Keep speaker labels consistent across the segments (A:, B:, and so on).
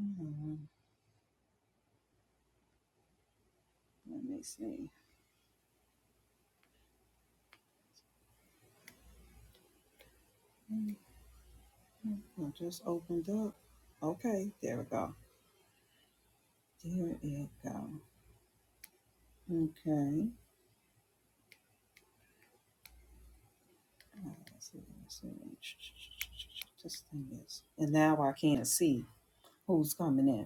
A: Hmm, Let me see. I just opened up. Okay, there we go. There it go. Okay. Uh, Let's see, let's see. This thing is, and now I can't see who's coming in.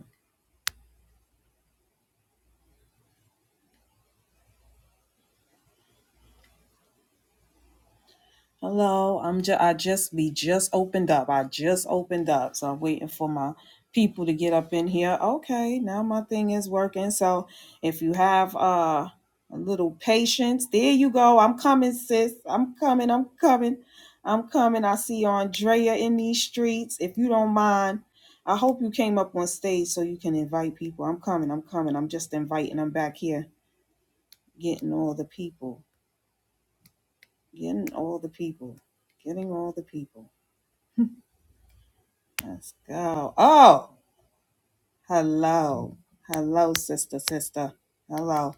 A: Hello, I'm just I just we just opened up. I just opened up, so I'm waiting for my people to get up in here. Okay, now my thing is working. So if you have uh a little patience, there you go. I'm coming, sis. I'm coming. I'm coming. I'm coming. I see Andrea in these streets. If you don't mind, I hope you came up on stage so you can invite people. I'm coming. I'm coming. I'm just inviting. I'm back here, getting all the people, getting all the people, getting all the people. Let's go. Oh, hello. Hello, sister, sister. Hello.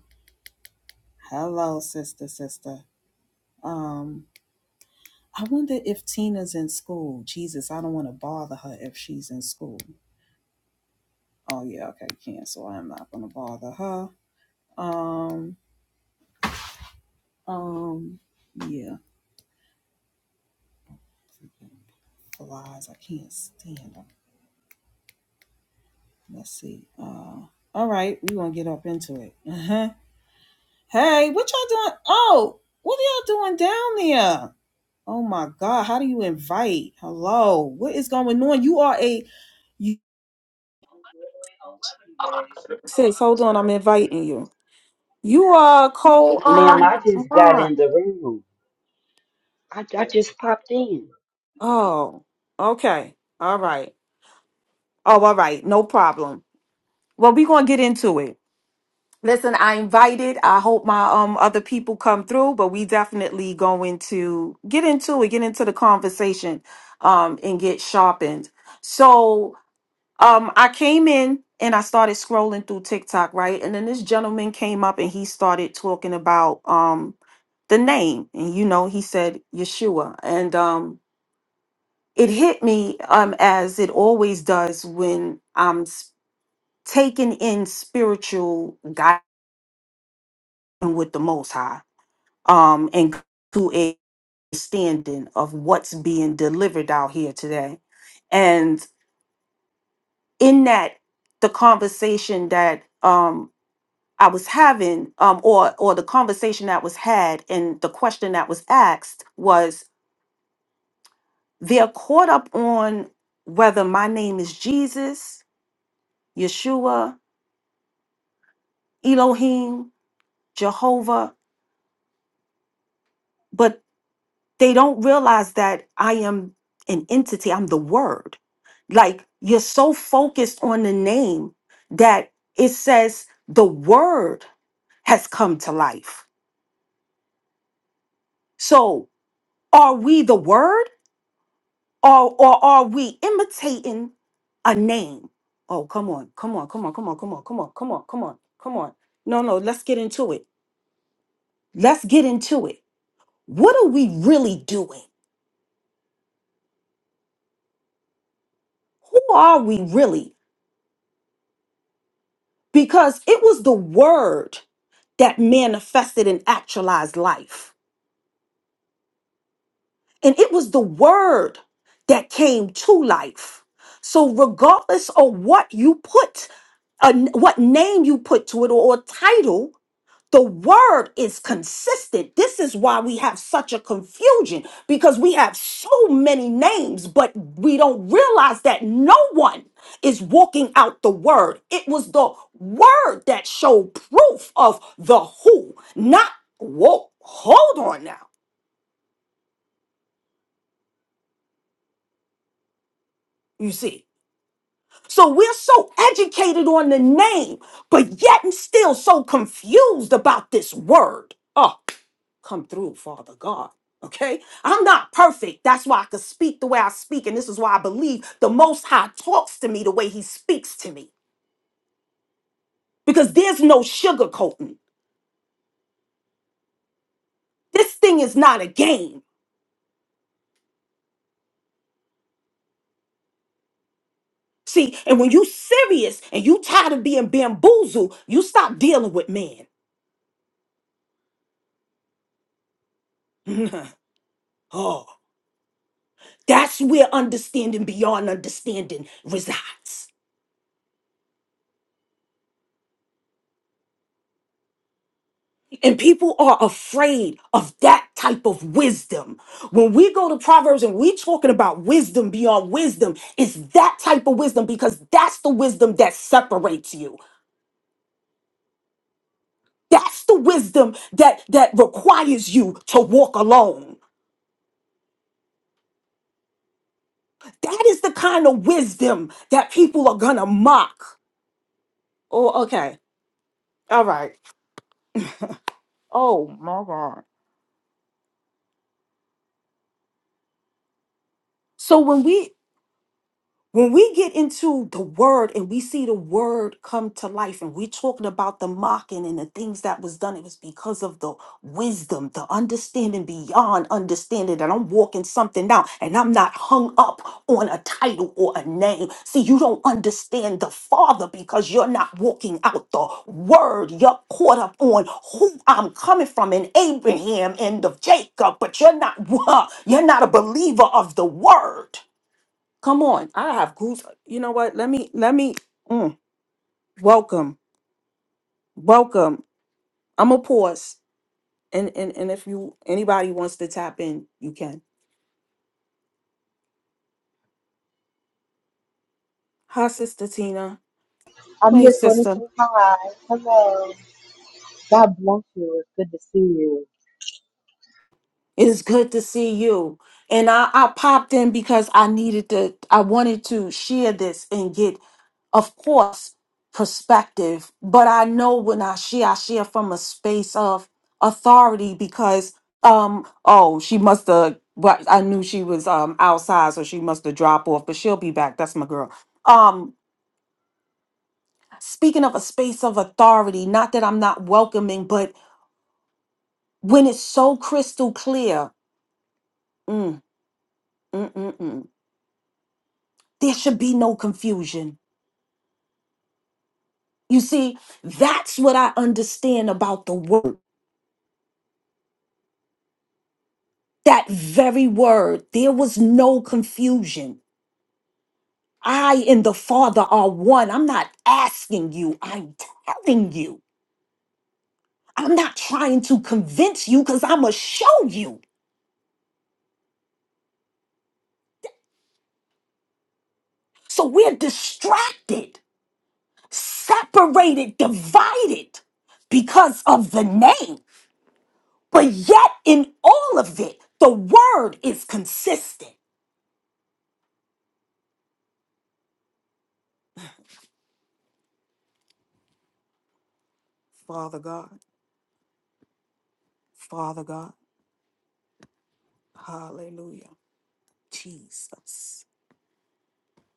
A: Hello, sister, sister. Um, I wonder if Tina's in school. Jesus, I don't want to bother her if she's in school. Oh yeah, okay, cancel. I'm not gonna bother her. Um, um, yeah. Flies, I can't stand them. Let's see. Uh, all right, we gonna get up into it. Uh-huh. Hey, what y'all doing? Oh, what are y'all doing down there? Oh my God, how do you invite? Hello, what is going on? You are a you sis, hold on, I'm inviting you. You are a co
B: Ma'am,
A: um
B: I just got
A: mod.
B: in the room. I, I just popped in.
A: Oh, okay. All right. Oh, all right, no problem. Well, we're gonna get into it. Listen, I invited. I hope my um other people come through, but we definitely going to get into it, get into the conversation um and get sharpened. So Um, I came in and I started scrolling through TikTok, right? And then this gentleman came up and he started talking about um the name. And you know, he said Yeshua. And um it hit me um as it always does when I'm s- taking in spiritual guidance with the most high. Um and to a standing of what's being delivered out here today. And in that the conversation that um I was having, um, or or the conversation that was had, and the question that was asked was, they're caught up on whether my name is Jesus, Yeshua, Elohim, Jehovah, but they don't realize that I am an entity. I'm the Word. Like you're so focused on the name that it says the Word has come to life. So, are we the Word? Or, or are we imitating a name? Oh, come on, come on, come on, come on, come on, come on, come on, come on, come on. No, no, let's get into it. Let's get into it. What are we really doing? Who are we really? Because it was the word that manifested and actualized life, and it was the word that came to life. So, regardless of what you put, uh, what name you put to it, or, or title, The word is consistent. This is why we have such a confusion because we have so many names, but we don't realize that no one is walking out the word. It was the word that showed proof of the who, not whoa, hold on now. You see. So we're so educated on the name, but yet and still so confused about this word. Oh, come through, Father God. Okay? I'm not perfect. That's why I could speak the way I speak. And this is why I believe the Most High talks to me the way He speaks to me. Because there's no sugarcoating. This thing is not a game. See, and when you serious and you tired of being bamboozled, you stop dealing with man. oh, That's where understanding beyond understanding resides. And people are afraid of that type of wisdom. When we go to Proverbs and we talking about wisdom beyond wisdom, it's that type of wisdom because that's the wisdom that separates you. That's the wisdom that that requires you to walk alone. That is the kind of wisdom that people are gonna mock. Oh, okay. All right. Oh my God. So when we When we get into the word and we see the word come to life, and we're talking about the mocking and the things that was done, it was because of the wisdom, the understanding beyond understanding that I'm walking something out and I'm not hung up on a title or a name. See, you don't understand the Father because you're not walking out the word. You're caught up on who I'm coming from in Abraham and of Jacob, but you're not you're not a believer of the word. Come on, I have goose. You know what? Let me let me mm, welcome, welcome. I'm a pause, and and and if you anybody wants to tap in, you can. Hi, Sister Tina.
C: I'm
A: Hey,
C: just going to
A: Sister.
C: say hi. Hello. God bless you. It's good to see you.
A: It's good to see you. And I, I popped in because I needed to, I wanted to share this and get, of course, perspective. But I know when I share, I share from a space of authority because, um, oh, she must have, but I knew she was um outside, so she must have dropped off, but she'll be back. That's my girl. Um, speaking of a space of authority, not that I'm not welcoming, but when it's so crystal clear, mm, mm, mm, mm. There should be no confusion. You see, that's what I understand about the word. That very word, there was no confusion. I and the Father are one. I'm not asking you, I'm telling you. I'm not trying to convince you because I'm going to show you. So we're distracted, separated, divided because of the name. But yet, in all of it, the word is consistent. Father God. Father God. Hallelujah. Jesus.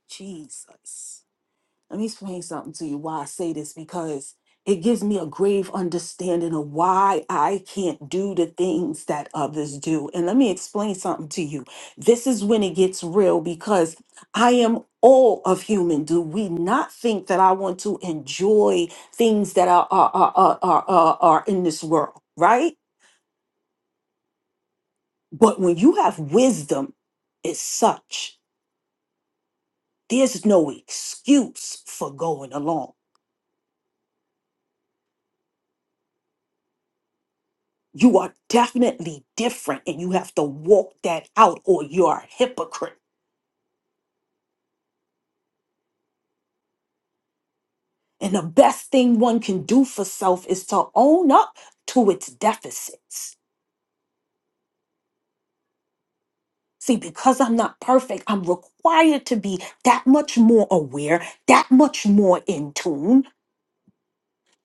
A: Jesus. Let me explain something to you why I say this because it gives me a grave understanding of why I can't do the things that others do. And let me explain something to you. This is when it gets real because I am all of human. Do we not think that I want to enjoy things that are, are, are, are, are, are are in this world, right? But when you have wisdom, it's such. There's no excuse for going along. You are definitely different and you have to walk that out or you're a hypocrite. And the best thing one can do for self is to own up to its deficits. See, because I'm not perfect, I'm required to be that much more aware, that much more in tune,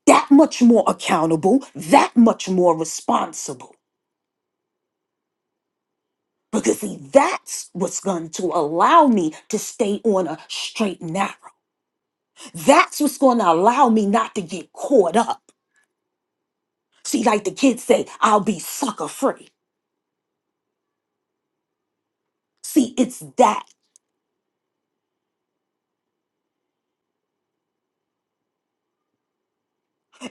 A: that much more accountable, that much more responsible. Because, see, that's what's going to allow me to stay on a straight and narrow. That's what's going to allow me not to get caught up. See, like the kids say, I'll be sucker free. See, it's that.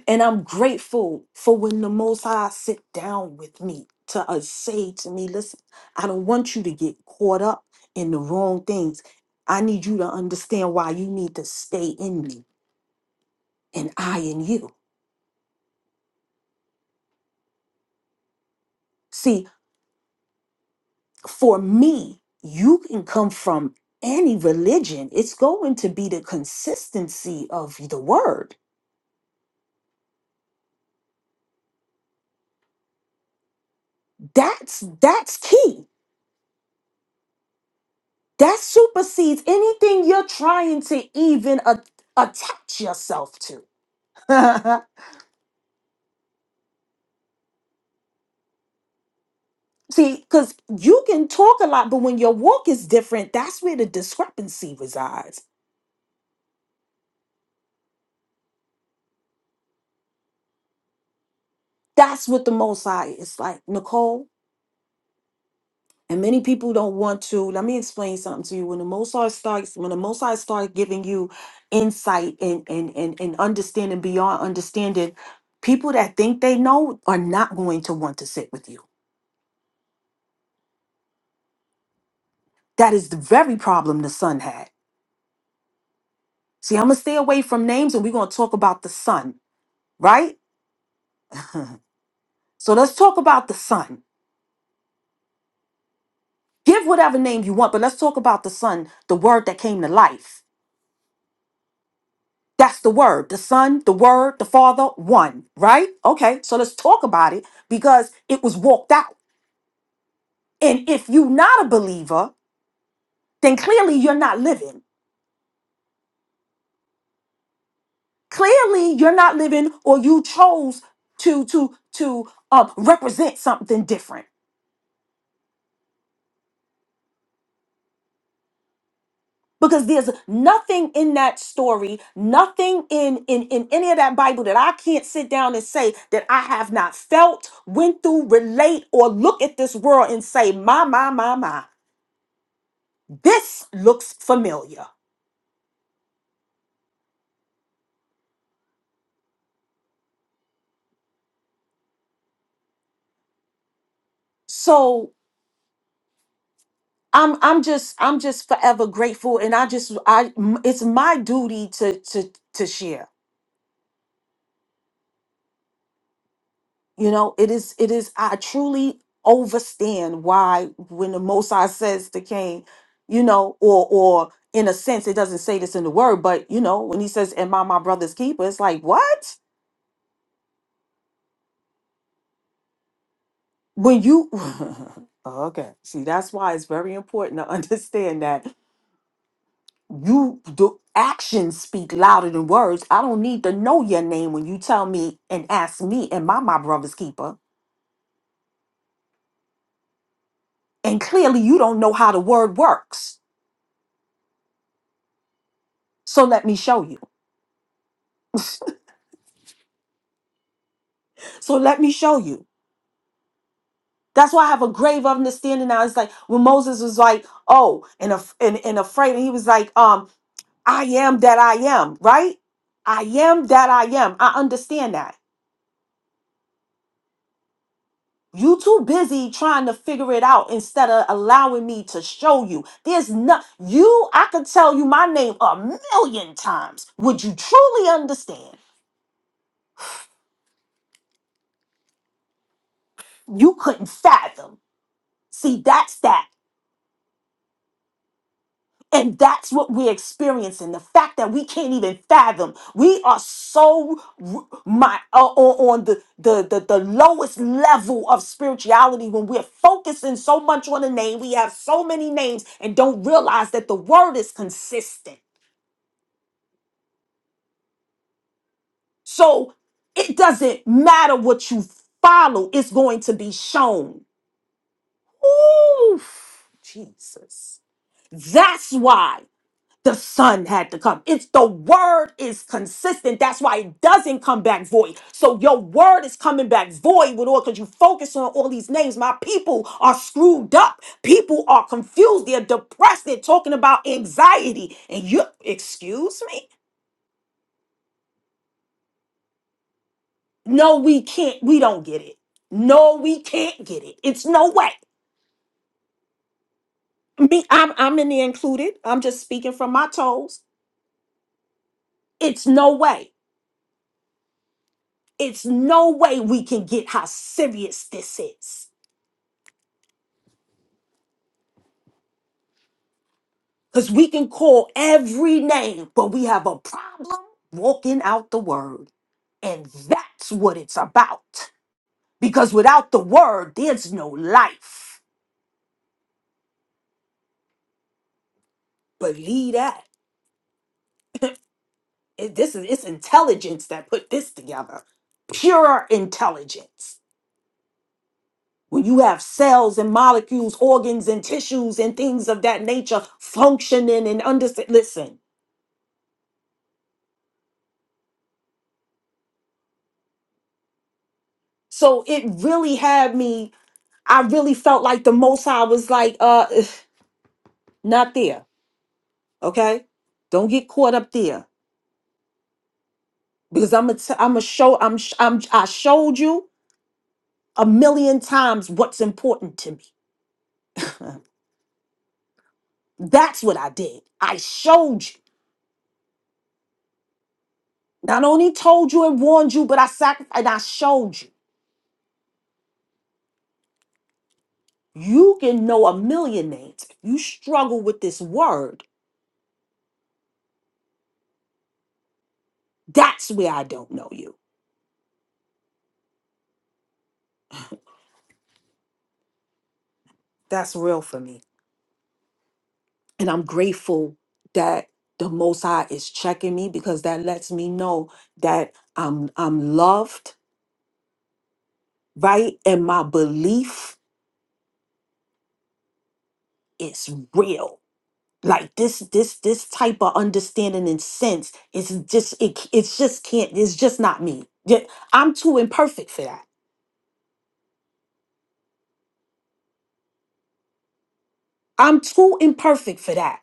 A: And I'm grateful for when the Most High sit down with me to uh, say to me, listen, I don't want you to get caught up in the wrong things. I need you to understand why you need to stay in me and I in you. See, for me, you can come from any religion, it's going to be the consistency of the word that's that's key that supersedes anything you're trying to even a- attach yourself to see because you can talk a lot but when your walk is different that's where the discrepancy resides that's what the most high is like nicole and many people don't want to let me explain something to you when the most high starts when the most high starts giving you insight and and and, and understanding beyond understanding people that think they know are not going to want to sit with you That is the very problem the son had. See, I'm going to stay away from names and we're going to talk about the son, right? so let's talk about the son. Give whatever name you want, but let's talk about the son, the word that came to life. That's the word, the son, the word, the father, one, right? Okay, so let's talk about it because it was walked out. And if you're not a believer, then clearly you're not living. Clearly you're not living or you chose to to to uh, represent something different because there's nothing in that story nothing in, in in any of that bible that i can't sit down and say that i have not felt went through relate or look at this world and say my my my my this looks familiar so i'm i'm just i'm just forever grateful and i just i m- it's my duty to to to share You know, it is, it is, I truly overstand why when the Mosai says to Cain, you know, or, or in a sense, it doesn't say this in the word, but you know, when he says, Am I my brother's keeper? It's like, what? When you, okay, see, that's why it's very important to understand that you do actions speak louder than words. I don't need to know your name when you tell me and ask me, Am I my brother's keeper? And clearly, you don't know how the word works. So let me show you. So let me show you. That's why I have a grave understanding now. It's like when Moses was like, oh, and, af- and, and afraid, and he was like, um, I am that I am, right? I am that I am. I understand that. You too busy trying to figure it out instead of allowing me to show you. There's not you, I could tell you my name a million times. Would you truly understand? You couldn't fathom. See, that's that. And that's what we're experiencing. The fact that we can't even fathom. We are so r- my uh, on on the, the the the lowest level of spirituality when we're focusing so much on a name. We have so many names and don't realize that the word is consistent. So it doesn't matter what you follow, it's going to be shown. Ooh, Jesus. That's why. the son had to come. It's the word is consistent. That's why it doesn't come back void. So your word is coming back void with all because you focus on all these names. My people are screwed up. People are confused. They're depressed. They're talking about anxiety. And you excuse me? No, we can't. We don't get it. No, we can't get it. It's no way. Me, I'm I'm in the included. I'm just speaking from my toes. It's no way. It's no way we can get how serious this is. Because we can call every name, but we have a problem walking out the word. And that's what it's about. Because without the word, there's no life. Believe that. It- this is it's intelligence that put this together. Pure intelligence. When you have cells and molecules, organs and tissues and things of that nature functioning and understand. Listen. So it really had me. I really felt like the most high was like, uh, not there Okay, don't get caught up there because I'm a t- I'm a show I'm sh- I'm I showed you a million times what's important to me. That's what I did. I showed you. Not only told you and warned you, but I sacrificed and I showed you. You can know a million names. If you struggle with this word, that's where I don't know you. That's real for me. And I'm grateful that the Most High is checking me because that lets me know that I'm I'm loved right? And my belief is real. Like this, this, this type of understanding and sense is just it. It's just can't. It's just not me. Yeah, I'm too imperfect for that. I'm too imperfect for that.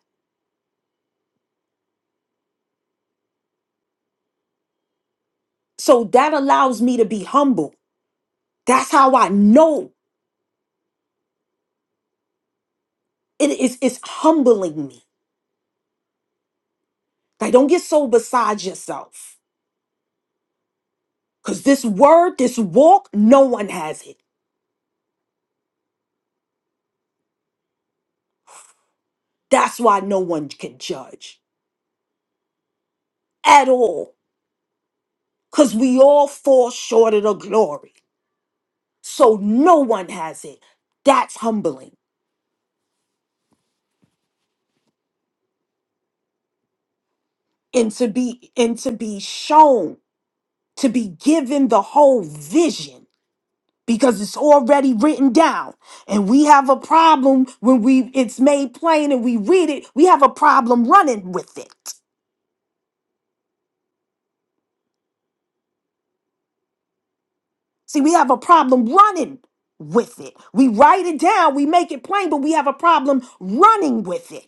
A: So that allows me to be humble. That's how I know it is. It's humbling me. Like don't get so beside yourself. Cause this word, this walk, no one has it. That's why no one can judge at all because we all fall short of the glory. So no one has it. That's humbling. And to be and to be shown, to be given the whole vision because it's already written down. And we have a problem when we it's made plain and we read it, we have a problem running with it. See, we have a problem running with it. We write it down, we make it plain, but we have a problem running with it.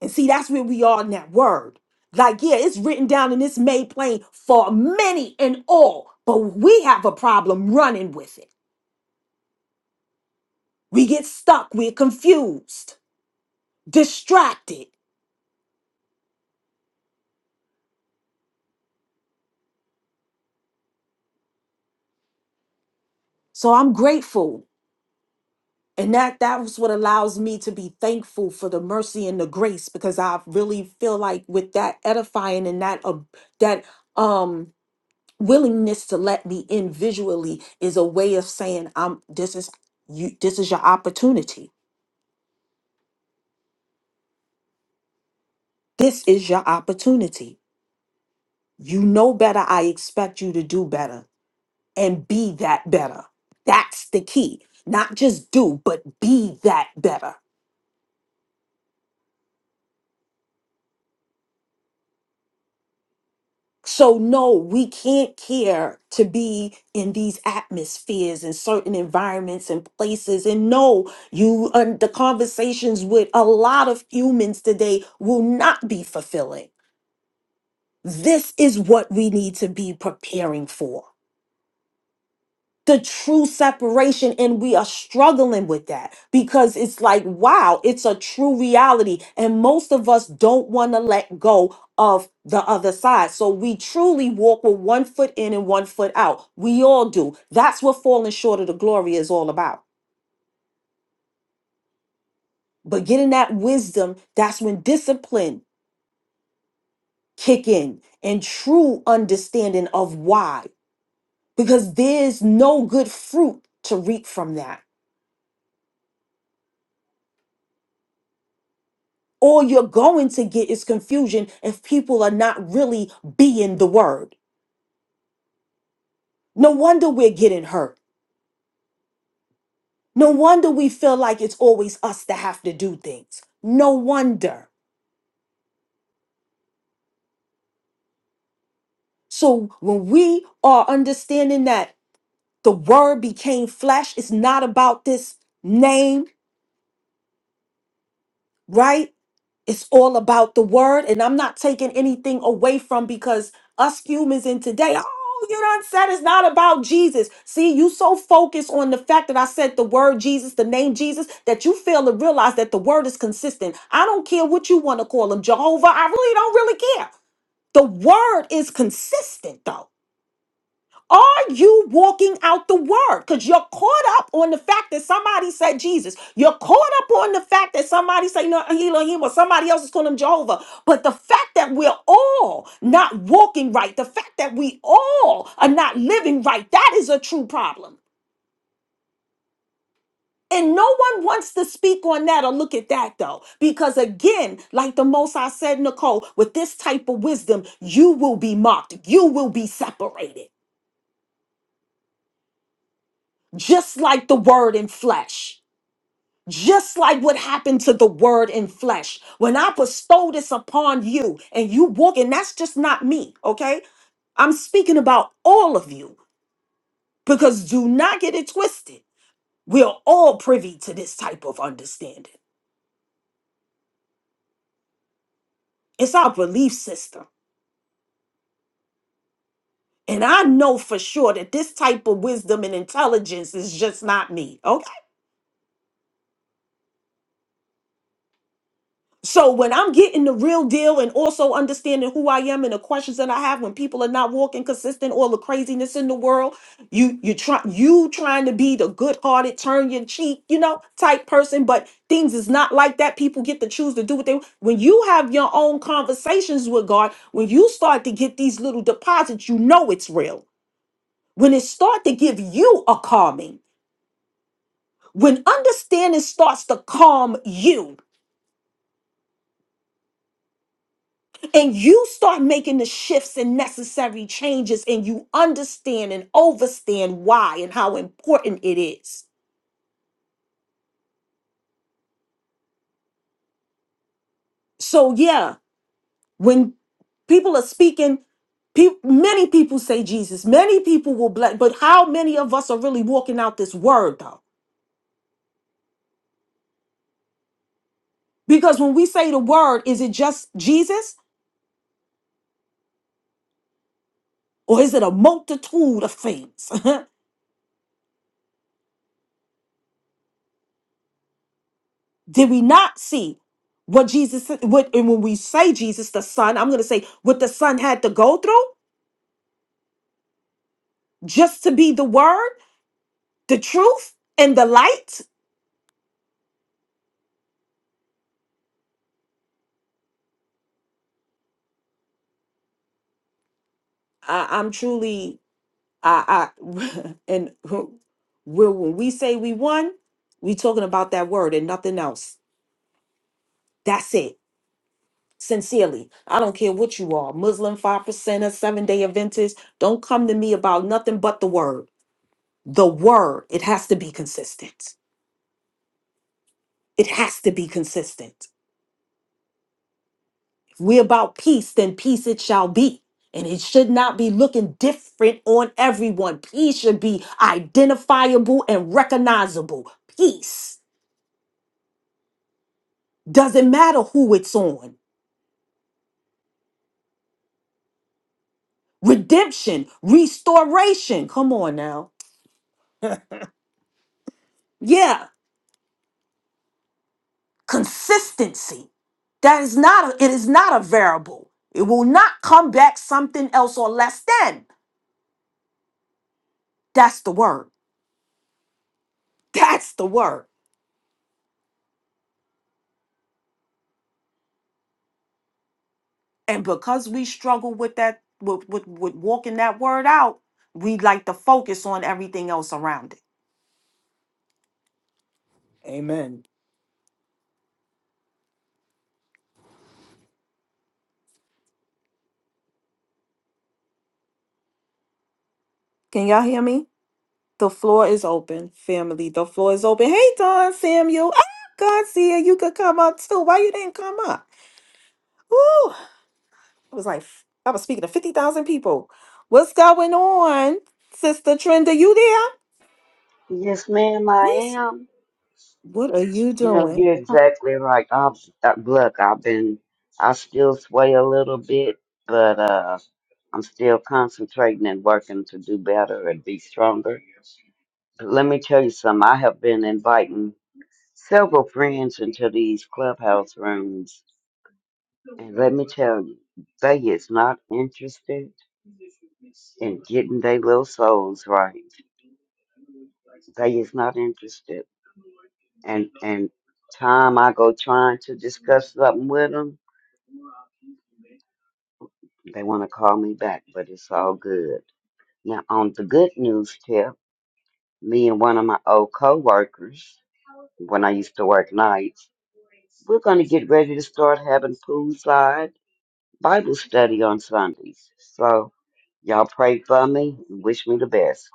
A: And see, that's where we are in that word. Like, yeah, it's written down and it's made plain for many and all, but we have a problem running with it. We get stuck, we're confused, distracted. So I'm grateful. And that that was what allows me to be thankful for the mercy and the grace because I really feel like with that edifying and that uh, that um willingness to let me in visually is a way of saying I'm this is you this is your opportunity This is your opportunity. You know better. I expect you to do better and be that better. That's the key. Not just do, but be that better. So, no, we can't care to be in these atmospheres and certain environments and places. And no, you uh, the conversations with a lot of humans today will not be fulfilling. This is what we need to be preparing for. the true separation and we are struggling with that because it's like wow it's a true reality and most of us don't want to let go of the other side so we truly walk with one foot in and one foot out we all do that's what falling short of the glory is all about but getting that wisdom that's when discipline kick in and true understanding of why because there's no good fruit to reap from that all you're going to get is confusion if people are not really being the word. No wonder we're getting hurt. No wonder we feel like it's always us that have to do things. No wonder. So when we are understanding that the word became flesh, it's not about this name, right? it's all about the word and i'm not taking anything away from because us humans in today oh you done said it's not about jesus see you so focused on the fact that i said the word jesus the name jesus that you fail to realize that the word is consistent i don't care what you want to call him jehovah i really don't really care the word is consistent though are you walking out the word? Because you're caught up on the fact that somebody said Jesus. You're caught up on the fact that somebody say no Elohim or somebody else is calling him Jehovah. But the fact that we're all not walking right, the fact that we all are not living right, that is a true problem. And no one wants to speak on that or look at that though. Because again, like the most I said, Nicole, with this type of wisdom, you will be mocked. You will be separated, just like the word in flesh. just like what happened to the word in flesh. When I bestow this upon you and you walk, and that's just not me, okay? I'm speaking about all of you because do not get it twisted. We're all privy to this type of understanding. It's our belief system. And I know for sure that this type of wisdom and intelligence is just not me. okay? So when I'm getting the real deal and also understanding who I am and the questions that I have when people are not walking consistent, all the craziness in the world, you you try you trying to be the good-hearted, turn your cheek, you know, type person, but things is not like that. People get to choose to do what they want. when you have your own conversations with God, when you start to get these little deposits, you know it's real. When it start to give you a calming, when understanding starts to calm you and you start making the shifts and necessary changes and you understand and overstand why and how important it is so yeah when people are speaking pe- many people say jesus many people will bless but how many of us are really walking out this word though because when we say the word is it just jesus or is it a multitude of things did we not see what jesus what and when we say jesus the son i'm going to say what the son had to go through just to be the word, the truth, and the light. I, I'm truly, I, I and who- when when we say we won, we talking about that word and nothing else. That's it. Sincerely, I don't care what you are, Muslim, five percenter, seven day Adventist. Don't come to me about nothing but the word. The word. It has to be consistent. It has to be consistent. If we're about peace, then peace it shall be. And it should not be looking different on everyone. Peace should be identifiable and recognizable. Peace doesn't matter who it's on. Redemption, restoration. Come on now. Yeah, consistency. That is not a, it is not a variable. It will not come back something else or less than. That's the word. That's the word. And because we struggle with that, with, with, with walking that word out, we like to focus on everything else around it. Amen. Can y'all hear me? The floor is open, family. The floor is open. Hey, Don Samuel. Ah, God, see you could come up too. Why you didn't come up? Ooh, I was like, I was speaking to 50,000 people. What's going on, Sister Trenda? You there?
B: Yes, ma'am, I
A: What's,
B: am.
A: what are you
B: You know,
A: doing?
B: you're exactly right. I've, uh, look, I've been, I still sway a little bit, but uh, I'm still concentrating and working to do better and be stronger. But let me tell you something. I have been inviting several friends into these clubhouse rooms And let me tell you, they is not interested in getting their little souls right. They is not interested. And and time I go trying to discuss something with them, they want to call me back, but it's all good. Now on the good news tip, me and one of my old coworkers, when I used to work nights, we're gonna get ready to start having poolside. Bible study on Sundays. So y'all pray for me and wish me the best.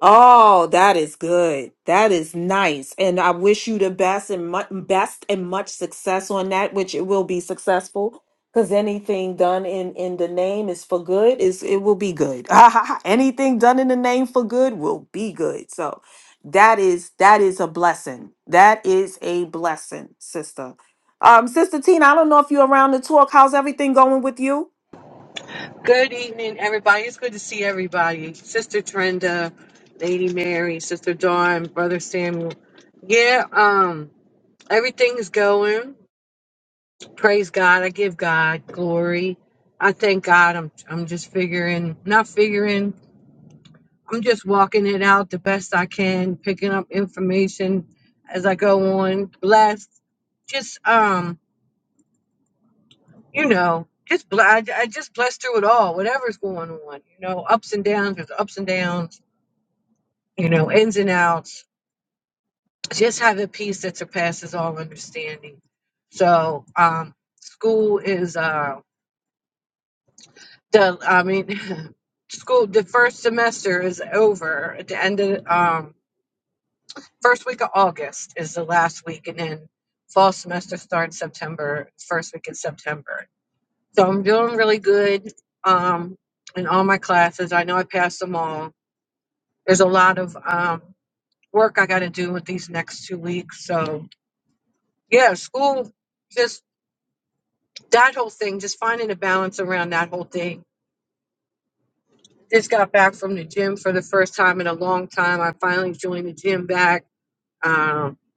A: Oh, that is good. That is nice. And I wish you the best and mu- best and much success on that, which it will be successful because anything done in in the name is for good is it will be good. anything done in the name for good will be good. So that is that is a blessing. That is a blessing, sister. Um, sister Tina, I don't know if you're around to talk. How's everything going with you?
C: Good evening, everybody. It's good to see everybody. Sister Trenda, Lady Mary, Sister Dawn, Brother Samuel. Yeah, um, everything's going. Praise God. I give God glory. I thank God. I'm I'm just figuring, not figuring. I'm just walking it out the best I can, picking up information as I go on. Blessed. Just um you know, just bl- I, I just bless through it all, whatever's going on, you know, ups and downs, there's ups and downs, you know, ins and outs. Just have a peace that surpasses all understanding. So, um, school is uh, the I mean, school the first semester is over at the end of um first week of August is the last week, and then fall semester starts September first week in September So I'm doing really good um, in all my classes. I know I passed them all. There's a lot of um, work I got to do with these next two weeks. So, yeah, school, just that whole thing, just finding a balance around that whole thing. Just got back from the gym for the first time in a long time. I finally joined the gym back because,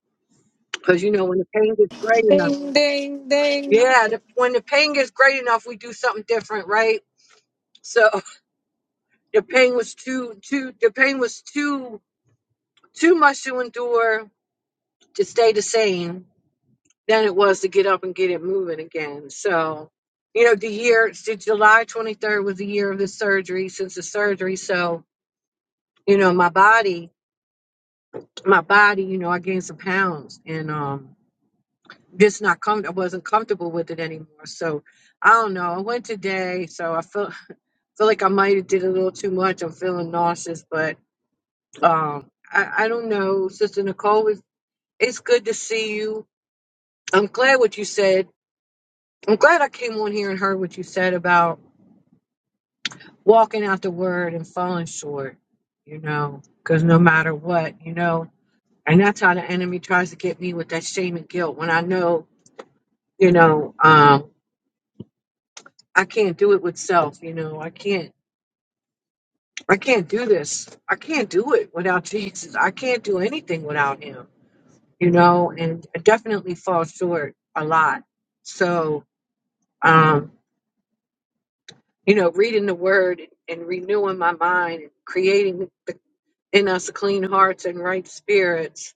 C: you know, when the pain gets great enough,
D: Ding, ding, ding.
C: yeah, the, when the pain gets great enough, we do something different, right? So the pain was too, too, the pain was too Too much to endure to stay the same than it was to get up and get it moving again. So, you know, the year, so July 23rd was the year of the surgery since the surgery. So, you know, my body, my body, you know, I gained some pounds and, um, just not com- I wasn't comfortable with it anymore. So I don't know. I went today, so I feel feel like I might have did a little too much. I'm feeling nauseous, but um, I, I don't know. Sister Nicole, it's, it's good to see you. I'm glad what you said. I'm glad I came on here and heard what you said about walking out the word and falling short, you know, because no matter what, you know, and that's how the enemy tries to get me with that shame and guilt when I know, you know, um, I can't do it with self, you know, I can't, I can't do this. I can't do it without Jesus. I can't do anything without him, you know, and I definitely fall short a lot. So, um, you know, reading the word and, renewing my mind creating in us clean hearts and right spirits.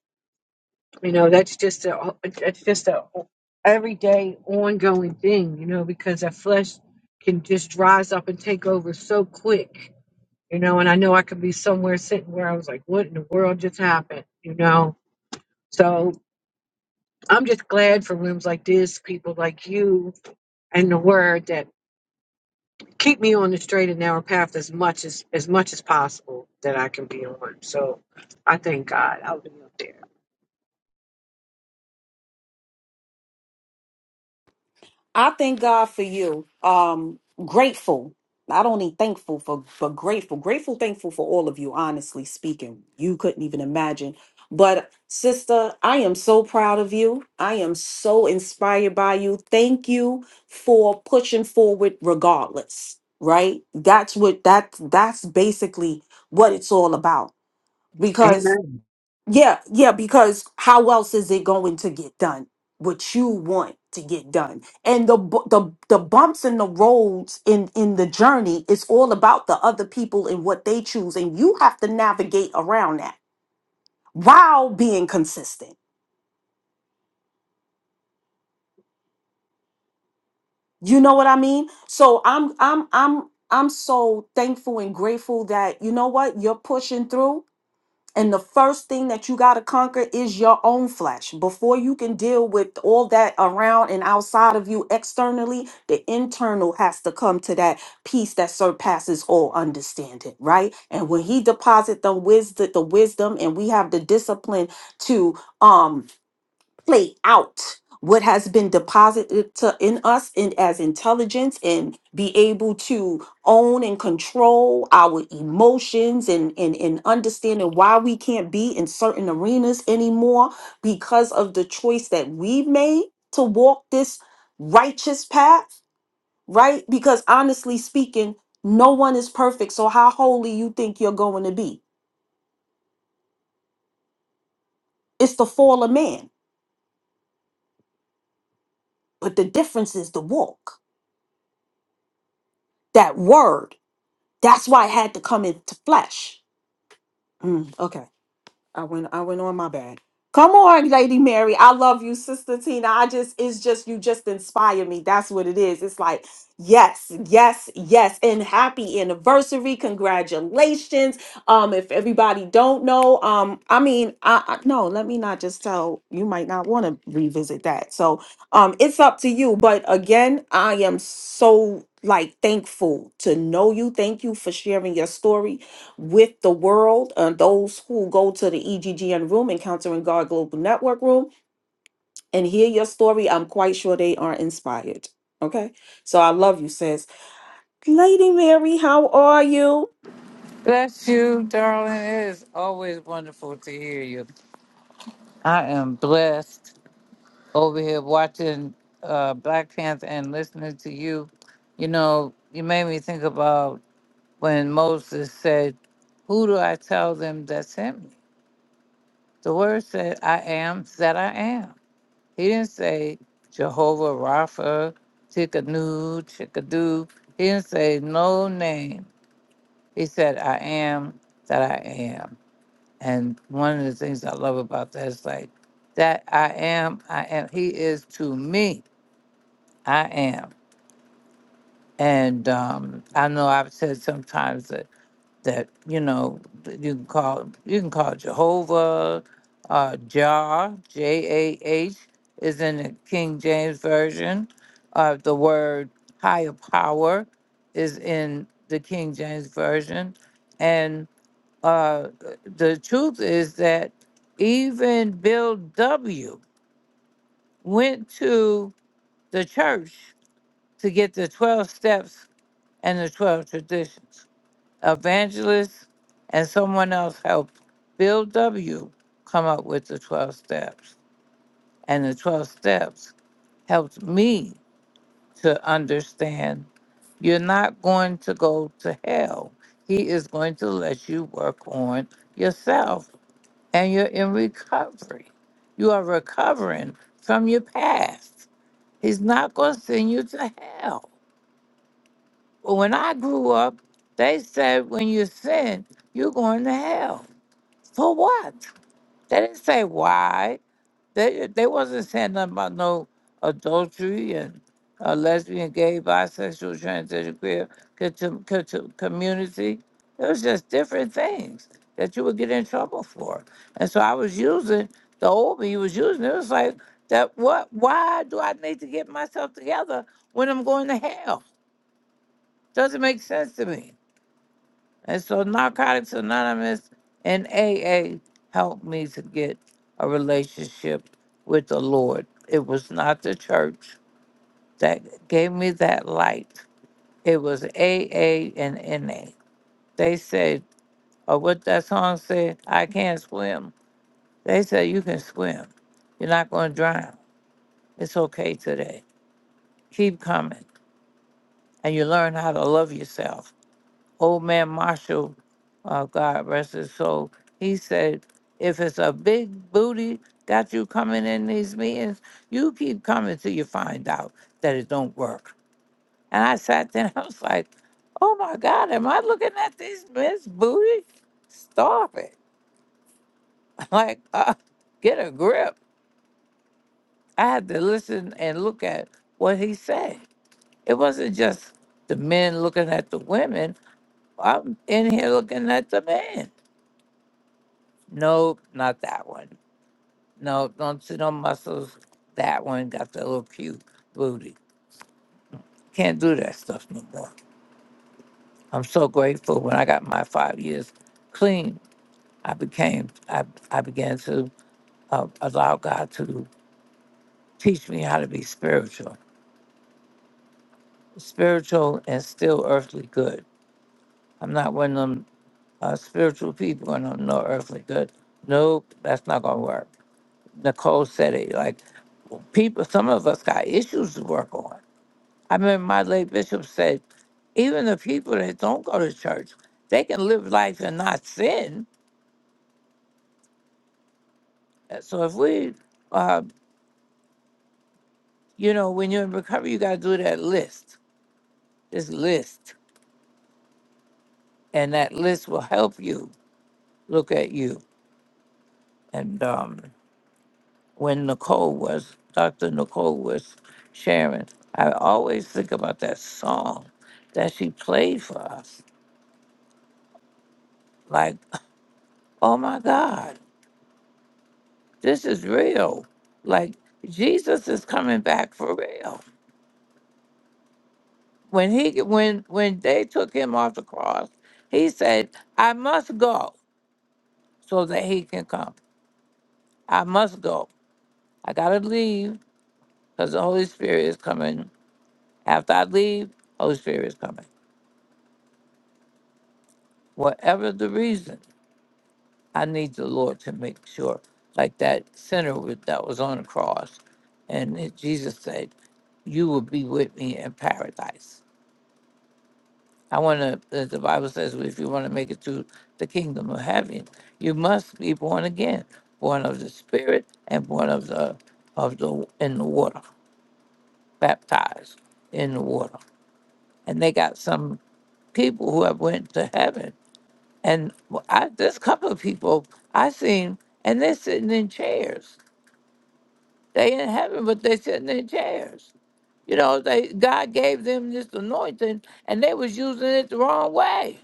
C: You know, that's just a that's just a everyday ongoing thing, you know, because our flesh can just rise up and take over so quick, you know, and I know I could be somewhere sitting where I was like, what in the world just happened, you know? So I'm just glad for rooms like this, people like you and the word that keep me on the straight and narrow path as much as as much as possible that I can be on. So I thank God I'll be up there.
A: I thank God for you. Um, grateful. Not only thankful for, but grateful. Grateful, thankful for all of you. Honestly speaking, you couldn't even imagine. But sister, I am so proud of you. I am so inspired by you. Thank you for pushing forward, regardless. Right? That's what that that's basically what it's all about. Because
C: Amen.
A: yeah, yeah, because how else is it going to get done? What you want to get done, and the bu- the the bumps and the roads in in the journey is all about the other people and what they choose, and you have to navigate around that while being consistent. You know what I mean? So I'm I'm I'm I'm so thankful and grateful that you know what you're pushing through And the first thing that you got to conquer is your own flesh. Before you can deal with all that around and outside of you externally, the internal has to come to that peace that surpasses all understanding, right? And when he deposit the wisdom, the wisdom, and we have the discipline to um play out what has been deposited to, in us in, as intelligence and be able to own and control our emotions and, and, and understanding why we can't be in certain arenas anymore because of the choice that we made to walk this righteous path, right? Because honestly speaking, no one is perfect. So how holy you think you're going to be? It's the fall of man, but the difference is the walk that word. That's why it had to come into flesh. Mm, okay. I went I went on my bad. Come on, Lady Mary. I love you, Sister Tina. I just it's just you just inspire me. That's what it is. It's like, yes, yes, yes. And happy anniversary. Congratulations. Um, if everybody don't know, um, I mean, I, I no, let me not just tell you might not want to revisit that. So um it's up to you. But again, I am so like thankful to know you. Thank you for sharing your story with the world and those who go to the EGGN room, Encountering God Global Network room, and hear your story. I'm quite sure they are inspired. Okay. So I love you, sis. Lady Mary, how are you?
D: Bless you, darling. It is always wonderful to hear you. I am blessed over here watching uh, Black Panther and listening to you. You know, you made me think about when Moses said, Who do I tell them that sent me? The word said, I am that I am. He didn't say Jehovah Rapha, Tickadoo, Chickadoo. He didn't say no name. He said, I am that I am. And one of the things I love about that is like, that I am, I am. He is to me, I am. And um, I know I've said sometimes that, that you know, that you can call you can call Jehovah, uh, Jah, J A H is in the King James Version. Uh, the word higher power is in the King James Version. And uh, the truth is that even Bill W. went to the church to get the 12 steps and the 12 traditions. Evangelists and someone else helped Bill W. come up with the 12 steps. And the 12 steps helped me to understand you're not going to go to hell. He is going to let you work on yourself and you're in recovery. You are recovering from your past. He's not going to send you to hell. But when I grew up, they said when you sin, you're going to hell. For what? They didn't say why. They they wasn't saying nothing about no adultery and uh, lesbian, gay, bisexual, transgender, queer contu- contu- community. It was just different things that you would get in trouble for. And so I was using the old me You was using. It It was like that. What? Why do I need to get myself together when I'm going to hell? Doesn't make sense to me. And so Narcotics Anonymous and AA helped me to get a relationship with the Lord. It was not the church that gave me that light. It was AA and NA. They said, or what that song said, I can't swim. They said, you can swim. You're not going to drown. It's okay today. Keep coming. And you learn how to love yourself old man Marshall, uh, God rest his soul, he said, if it's a big booty got you coming in these meetings, you keep coming till you find out that it don't work. And I sat there and I was like, oh my God, am I looking at this Miss Booty? Stop it. Like, uh, get a grip. I had to listen and look at what he said. It wasn't just the men looking at the women. I'm in here looking at the men. Nope, not that one. No, don't see no muscles. That one got the little cute booty. Can't do that stuff no more. I'm so grateful when I got my five years clean, I became, I, I began to uh, allow God to teach me how to be spiritual, spiritual and still earthly good. I'm not one of them uh, spiritual people and I'm no earthly good. Nope, that's not gonna work. Nicole said it like people, some of us got issues to work on I mean, my late bishop said, even the people that don't go to church, they can live life and not sin. So if we, uh, you know, when you're in recovery, you got to do that list, this list, and that list will help you look at you. And um, when Nicole was, Dr. Nicole was sharing, I always think about that song that she played for us. Like, oh my God, This is real. Like Jesus is coming back for real. When he when when they took him off the cross, he said, "I must go so that he can come. I must go. I gotta leave because the Holy Spirit is coming. After I leave, Holy Spirit is coming. Whatever the reason, I need the Lord to make sure." Like that sinner with- that was on the cross, and it- Jesus said, "You will be with me in paradise." I want to, the Bible says, if you want to make it through the kingdom of heaven, you must be born again, born of the Spirit and born of the, of the, in the water, baptized in the water. And they got some people who have went to heaven. And I, there's a couple of people I seen, and they're sitting in chairs. They in heaven, but they're sitting in chairs. You know, they God gave them this anointing, and they was using it the wrong way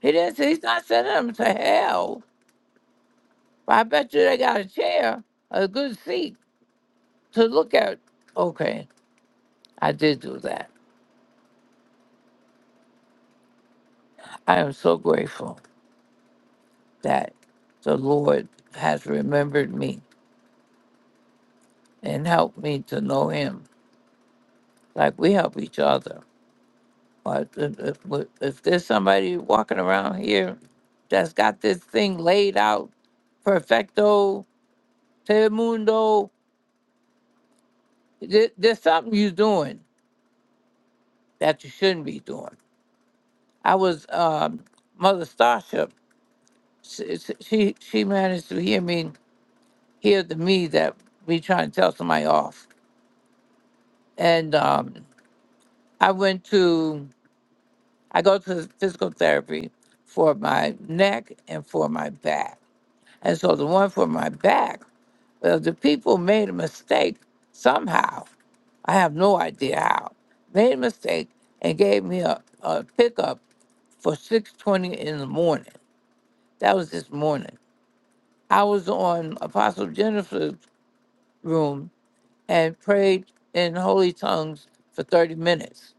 D: He didn't say he's not sending them to hell. But I bet you they got a chair, a good seat to look at. Okay, I did do that. I am so grateful that the Lord has remembered me and helped me to know Him. Like we help each other. But if, if, if there's somebody walking around here that's got this thing laid out, perfecto, te mundo, there- there's something you're doing that you shouldn't be doing I was um Mother Starship. She, she she managed to hear me hear the me that we trying to tell somebody off, and um, I went to I go to physical therapy for my neck and for my back, and so the one for my back, well, the people made a mistake somehow. I have no idea how made a mistake and gave me a, a pickup for six twenty in the morning. That was this morning I was on Apostle Jennifer's room and prayed in holy tongues for 30 minutes.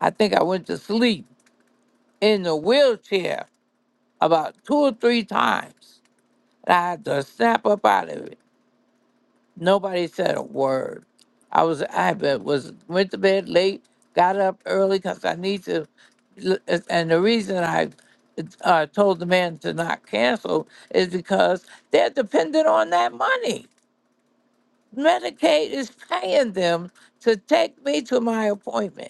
D: I think I went to sleep in the wheelchair about two or three times. And I had to snap up out of it. Nobody said a word. I was I been- was went to bed late, got up early because I need to. And the reason I uh, told the man to not cancel is because they're dependent on that money. Medicaid is paying them to take me to my appointment.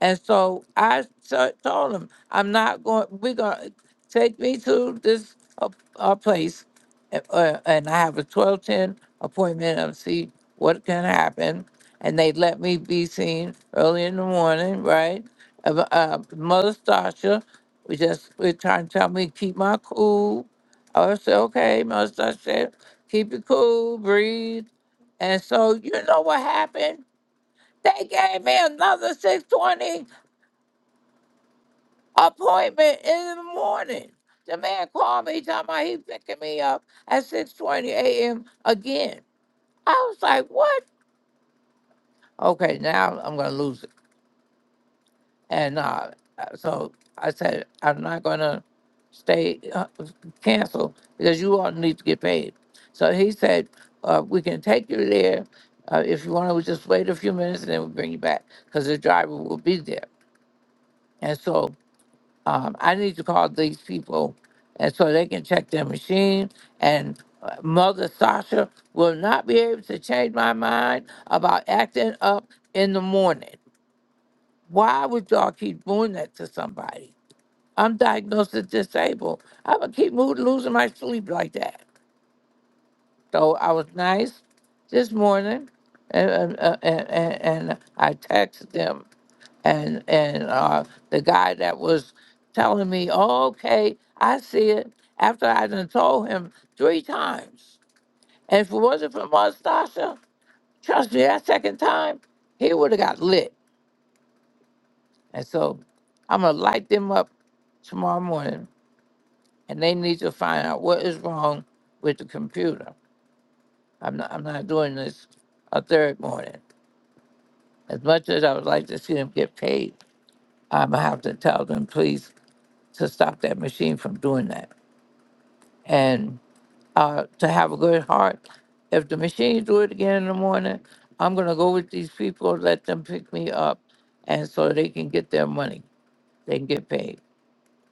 D: And so I t- told him, I'm not going, we're going to take me to this uh, uh, place. uh, uh, and I have a 1210 appointment and see what can happen. And they let me be seen early in the morning, right? Uh, uh, Mother Stasha we just was trying to tell me to keep my cool. I said, okay, Mother Stasha said, keep it cool, breathe. And so you know what happened? They gave me another 620 appointment in the morning. The man called me, talking about he picking me up at 6.20 a.m. again. I was like, what? Okay, now I'm going to lose it. And uh, uh, so I said, I'm not going to stay, uh, cancel, because you all need to get paid. So he said, uh, we can take you there. Uh, if you want to just wait a few minutes and then we'll bring you back, because the driver will be there. And so um, I need to call these people and so they can check their machine. And uh, Mother Sasha will not be able to change my mind about acting up in the morning. Why would y'all keep doing that to somebody? I'm diagnosed as disabled. i would keep mo- losing my sleep like that. So I was nice this morning and, and, uh, and, and and I texted them and and uh, the guy that was telling me, oh, okay, I see it. After I done told him three times, and if it wasn't for Mustache, trust me, that second time he would have got lit. And so I'm gonna light them up tomorrow morning, and they need to find out what is wrong with the computer. I'm not I'm not doing this a third morning. As much as I would like to see them get paid, I'm gonna have to tell them please to stop that machine from doing that and uh, to have a good heart. If the machines do it again in the morning, I'm gonna go with these people, let them pick me up, and so they can get their money. They can get paid.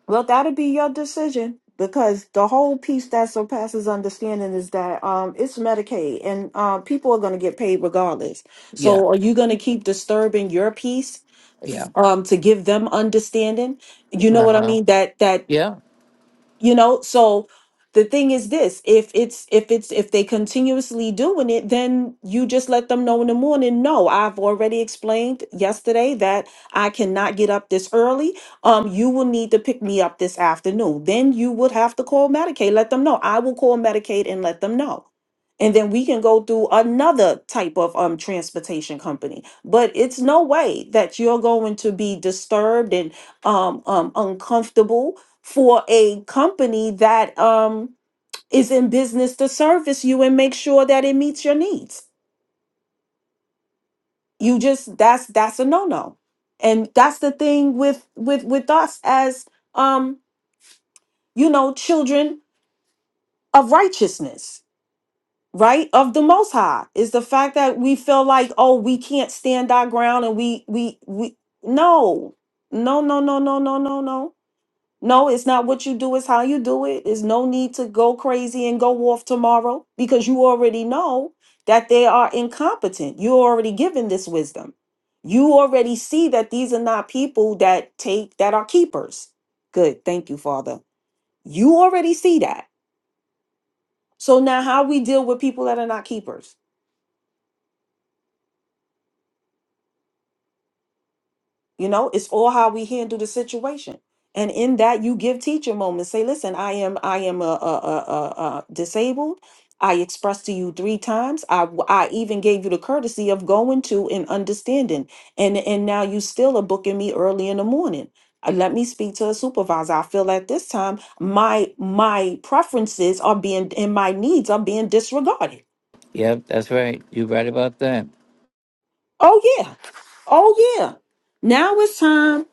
A: Well, that'll be your decision because the whole piece that surpasses understanding is that um, it's Medicaid and um, people are going to get paid regardless.
D: Yeah,
A: So, are you going to keep disturbing your piece
D: yeah,
A: um, to give them understanding? You know
D: uh
A: what I
D: huh,
A: mean? That that
D: yeah,
A: you know so the thing is this if it's if it's if they continuously doing it then you just let them know in the morning no i've already explained yesterday that i cannot get up this early um you will need to pick me up this afternoon then you would have to call medicaid let them know i will call medicaid and let them know and then we can go through another type of um transportation company but it's no way that you're going to be disturbed and um, um uncomfortable for a company that um is in business to service you and make sure that it meets your needs you just that's that's a no-no and that's the thing with with with us as um you know children of righteousness right of the most high is the fact that we feel like oh we can't stand our ground and we we we no no no no no no no no no No, it's not what you do, it's how you do it. There's no need to go crazy and go off tomorrow because you already know that they are incompetent. You're already given this wisdom. You already see that these are not people that take that are keepers. Good. Thank you, Father. You already see that. So now how we deal with people that are not keepers? You know, it's all how we handle the situation. And in that, you give teacher moments. Say, listen, I am, I am a, a, a, a, a disabled. I expressed to you three times. I, w- I even gave you the courtesy of going to and understanding. And, and now you still are booking me early in the morning. Uh, Let me speak to a supervisor. I feel at this time my my preferences are being and my needs are being disregarded.
D: yep. That's right. You're right about that.
A: Oh yeah, oh yeah. Now it's time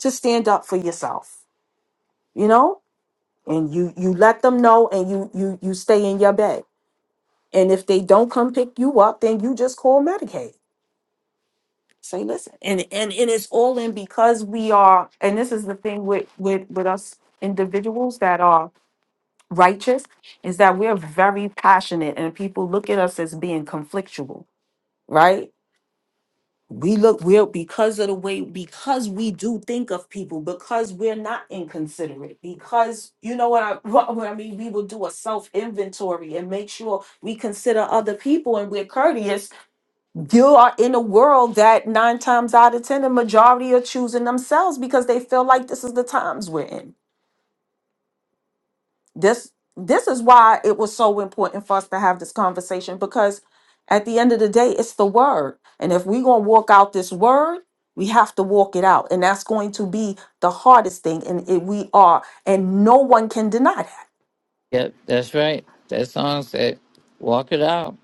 A: to stand up for yourself. You know, and you you let them know and you you you stay in your bed and if they don't come pick you up then you just call medicaid say listen and and and it's all in because we are and this is the thing with with with us individuals that are righteous is that we're very passionate and people look at us as being conflictual right we look we're because of the way because we do think of people because we're not inconsiderate because you know what i what, what i mean we will do a self inventory and make sure we consider other people and we're courteous you are in a world that nine times out of ten the majority are choosing themselves because they feel like this is the times we're in this this is why it was so important for us to have this conversation because at the end of the day it's the word and if we're going to walk out this word we have to walk it out and that's going to be the hardest thing and it, we are and no one can deny that
D: Yep, that's right. That song said, "Walk it out."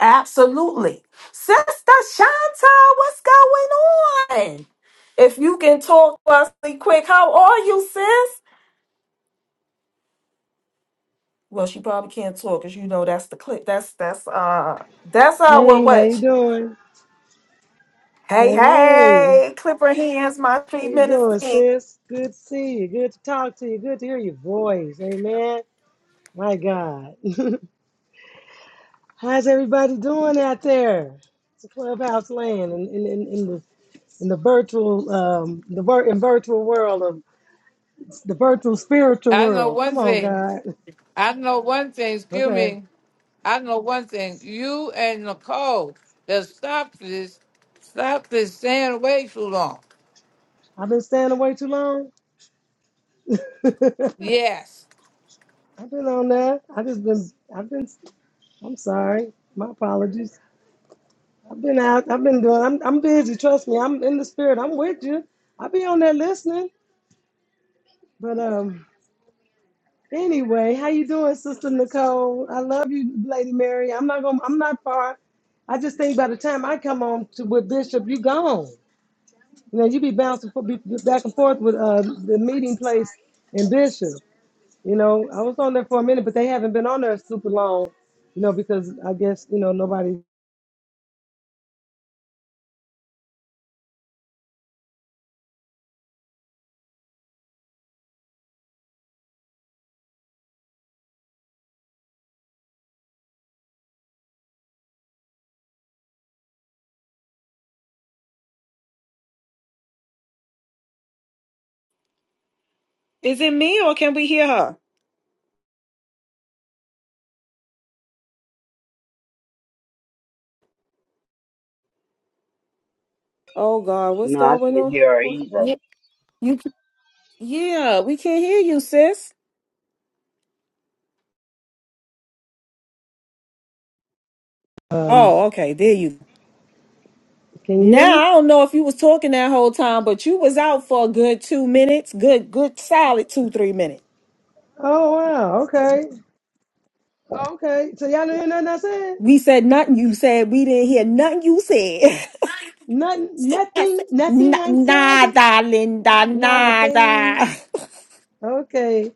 A: absolutely sister chantal what's going on if you can talk to us really quick how are you sis well she probably can't talk because you know that's the clip that's that's uh that's our
E: Hey, how
A: what
E: you doing?
A: Hey,
E: Hey, hey,
A: hey, Clipper Hands, my
E: how
A: three
E: you
A: minutes
E: doing,
A: in.
E: sis? Good to see you. Good to talk to you. Good to hear your voice. Amen. My God, how's everybody doing out there? It's a clubhouse land in, in, in, in the in the virtual um the vir- in virtual world of the virtual spiritual
D: I know
E: world. Come
D: one
E: on,
D: thing.
E: God.
D: I know one thing. Excuse
E: Okay,
D: me. I know one thing. You and Nicole that stop this, stop this staying away too long.
E: I've been staying away too long. I've been
D: Yes.
E: on that. I just been. I've been. I'm sorry. My apologies. I've been out. I've been doing. I'm I'm busy. Trust me. I'm in the spirit. I'm with you. I'll be on there listening. But um, anyway, how you doing, Sister Nicole? I love you, Lady Mary. I'm not gonna. I'm not far. I just think by the time I come on to with Bishop, you gone. You know, you be bouncing fo- be- be back and forth with uh the meeting place and Bishop. You know, I was on there for a minute, but they haven't been on there super long. You know, because I guess you know nobody.
A: Is it me or can we hear her? Oh God, what's
B: No, I
A: going
B: can't
A: on?
B: hear her
A: What-
B: either.
A: Yeah, you, yeah, we can't hear you, sis.
E: Um,
A: Oh, okay, there you.
E: can you hear
A: Now
E: me?
A: I don't know if you was talking that whole time, but you was out for a good two minutes, good, good, solid two, three minutes.
E: Oh wow. Okay. Okay, so y'all didn't hear nothing I said?
A: We said nothing. You said we didn't hear nothing. You said.
E: Nothing,
A: I
E: nothing,
A: said, "Na-
E: nothing I said?
A: nada, Linda,
E: Not a thing.
A: nada.
E: Okay.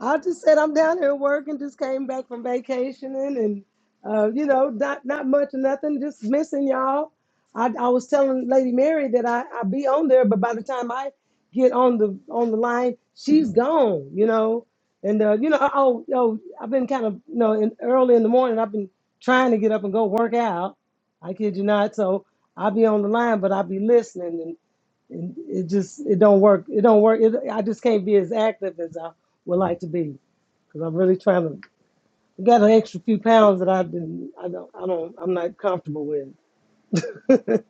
E: I just said I'm down here working, just came back from vacationing and uh, you know, not not much or nothing, just missing y'all. I, I was telling Lady Mary that I, I be on there, but by the time I get on the on the line, she's gone, you know. And uh, you know, oh, yo, I've been kind of you know, in, early in the morning I've been trying to get up and go work out. I kid you not, so I'll be on the line, but I'll be listening and it just it don't work. It don't work. It, I just can't be as active as I would like to be because I'm really trying to I got an extra few pounds that I've been I don't I don't I'm not comfortable with. and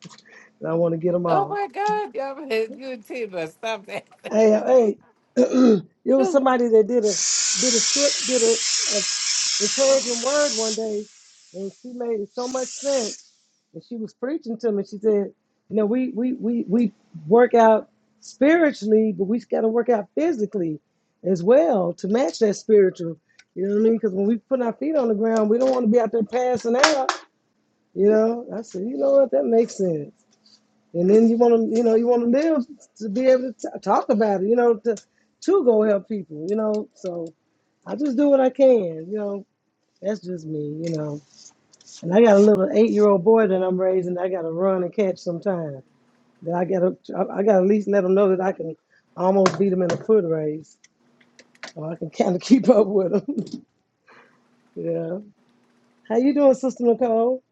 E: I want to get them
D: Oh
E: off.
D: my God, y'all, you and Tima, stop that.
E: Hey uh, hey, it was somebody that did a did a script did a, a encouraging word one day, and she made so much sense. and she was preaching to me. She said, "You know, we we we we work out spiritually, but we got to work out physically as well to match that spiritual. You know what I mean? Because when we put our feet on the ground, we don't want to be out there passing out. You know." I said, "You know what? That makes sense." And then you want to, you know, you want to live to be able to t- talk about it. You know, to to go help people. You know, so I just do what I can. You know, that's just me. You know. And I got a little eight-year-old boy that I'm raising. I got to run and catch sometime. That I got to, I got to at least let him know that I can almost beat him in a foot race, or I can kind of keep up with him. yeah. How you doing, Sister Nicole?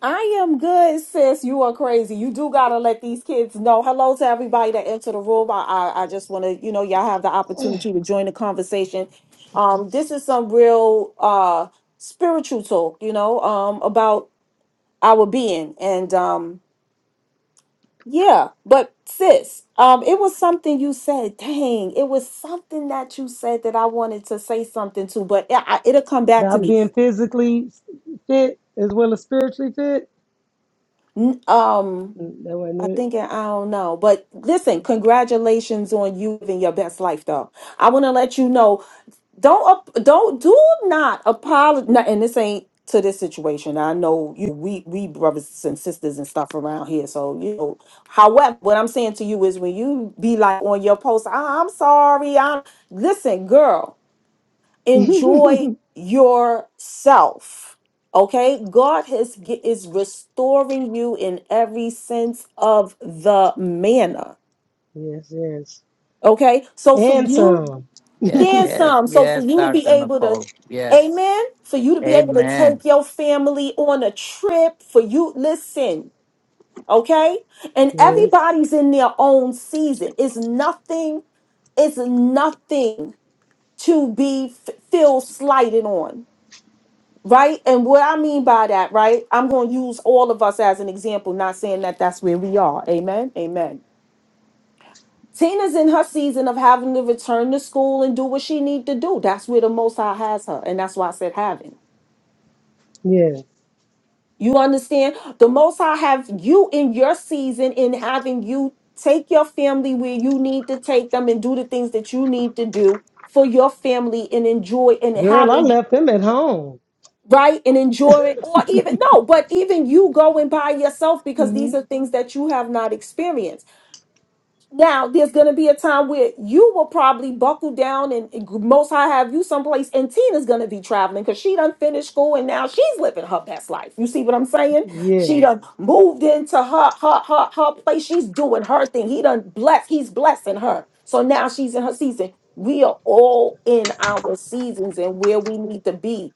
A: I am good, sis. You are crazy. You do gotta let these kids know. Hello to everybody that entered the room. I, I, I just want to, you know, y'all have the opportunity to join the conversation. Um, this is some real uh spiritual talk, you know, um, about our being and um, yeah. But sis, um, it was something you said. Dang, it was something that you said that I wanted to say something to, but it, I, it'll come back to
E: About
A: me.
E: being physically fit as well as spiritually fit.
A: N- Um.
E: Mm, That
A: I
E: wasn't
A: think I don't know, but listen, congratulations on you living your best life, though. I want to let you know, don't ap- don't do not apologize. And this ain't to this situation. I know you, we we brothers and sisters and stuff around here, so you know. However, what I'm saying to you is, when you be like on your post, "Ah, I'm sorry, I'm listen, girl
E: it.
A: enjoy yourself okay god has gi- is restoring you in every sense of the manner
E: yes, yes,
A: okay so for
E: and
A: you
E: some.
D: Yes,
A: then
D: yes,
A: some so for
D: yes,
A: you to be
D: Dr.
A: able to
D: Nicole. Yes.
A: amen for you to be able to
D: Amen.
A: take your family on a trip for you listen okay and
E: yes,
A: everybody's in their own season it's nothing it's nothing to be f- feel slighted on right? And what I mean by that, right? I'm going to use all of us as an example, not saying that that's where we are. Amen. Amen. Tina's in her season of having to return to school and do what she need to do. That's where the Most High has her, and that's why I said having.
E: yes.
A: You understand? The Most High have you in your season in having you take your family where you need to take them and do the things that you need to do for your family and enjoy and
E: Girl, I
A: having
E: left them at home.
A: right and enjoy it or even no but even you going by yourself because
E: hmm
A: these are things that you have not experienced now there's going to be a time where you will probably buckle down and, and most high have you someplace and tina's going to be traveling because she done finished school and now she's living her best life you see what i'm saying she
E: Yes.
A: done moved into her her her, her place she's doing her thing he done blessed he's blessing her so now she's in her season we are all in our seasons and where we need to be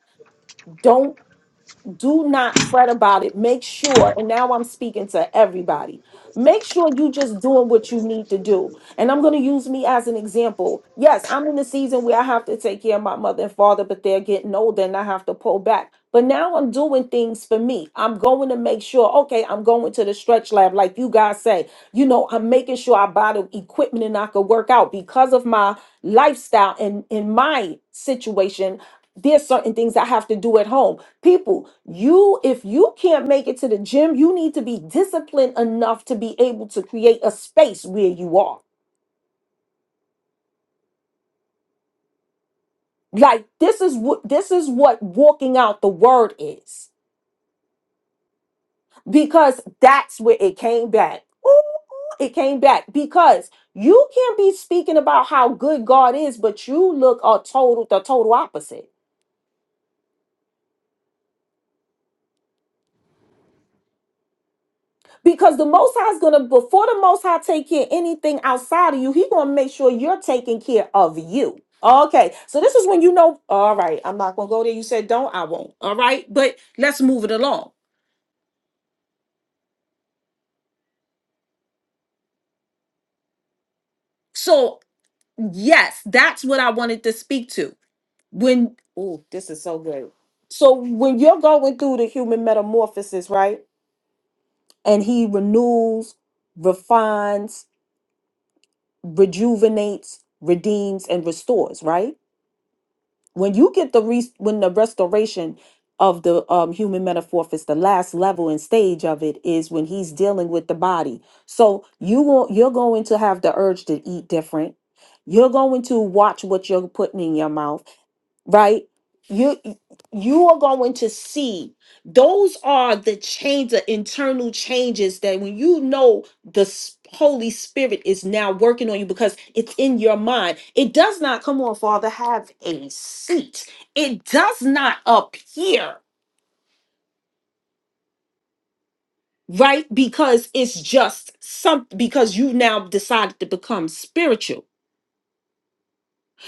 A: Don't do not fret about it. Make sure, and now I'm speaking to everybody, make sure you just doing what you need to do. And I'm going to use me as an example. Yes, I'm in a season where I have to take care of my mother and father, but they're getting older and I have to pull back. But now I'm doing things for me. I'm going to make sure, okay, I'm going to the stretch lab, like you guys say. You know, I'm making sure I buy the equipment and I can work out because of my lifestyle and in my situation. There's certain things I have to do at home People, you, if you can't make it to the gym, you need to be disciplined enough to be able to create a space where you are. Like this is what this is what walking out the word is. Because that's where it came back. Ooh, it came back because you can't be speaking about how good God is, but you look a total the total opposite. Because the Most High is gonna, before the Most High take care of anything outside of you, He gonna make sure you're taking care of you. Okay, so this is when you know. All right, I'm not gonna go there. You said don't, I won't. All right, but let's move it along. So yes, that's what I wanted to speak to. When oh, this is so good. So when you're going through the human metamorphosis, right, and He renews, refines, rejuvenates, redeems, and restores, right when you get the re- when the restoration of the um, human metamorphosis the last level and stage of it is when he's dealing with the body so you won't you're going to have the urge to eat different you're going to watch what you're putting in your mouth right you you are going to see those are the change the internal changes that when you know the s- holy spirit is now working on you because it's in your mind it does not come on father have a seat it does not appear right because it's just something because you now decided to become spiritual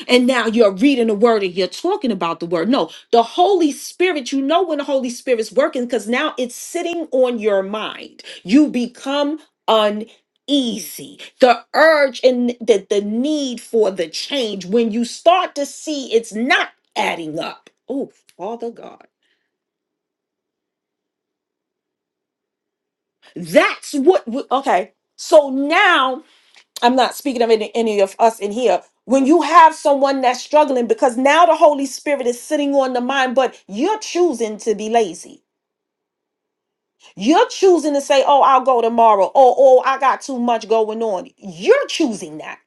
A: and now you're reading the word and you're talking about the word. No, the Holy Spirit, you know when the Holy Spirit's working because now it's sitting on your mind. You become uneasy. The urge and the, the need for the change when you start to see it's not adding up. Oh, Father God. That's what, we- okay. So now I'm not speaking of any, any of us in here. When you have someone that's struggling, because now the Holy Spirit is sitting on the mind, but you're choosing to be lazy. You're choosing to say, oh, I'll go tomorrow, or oh, I got too much going on. You're choosing that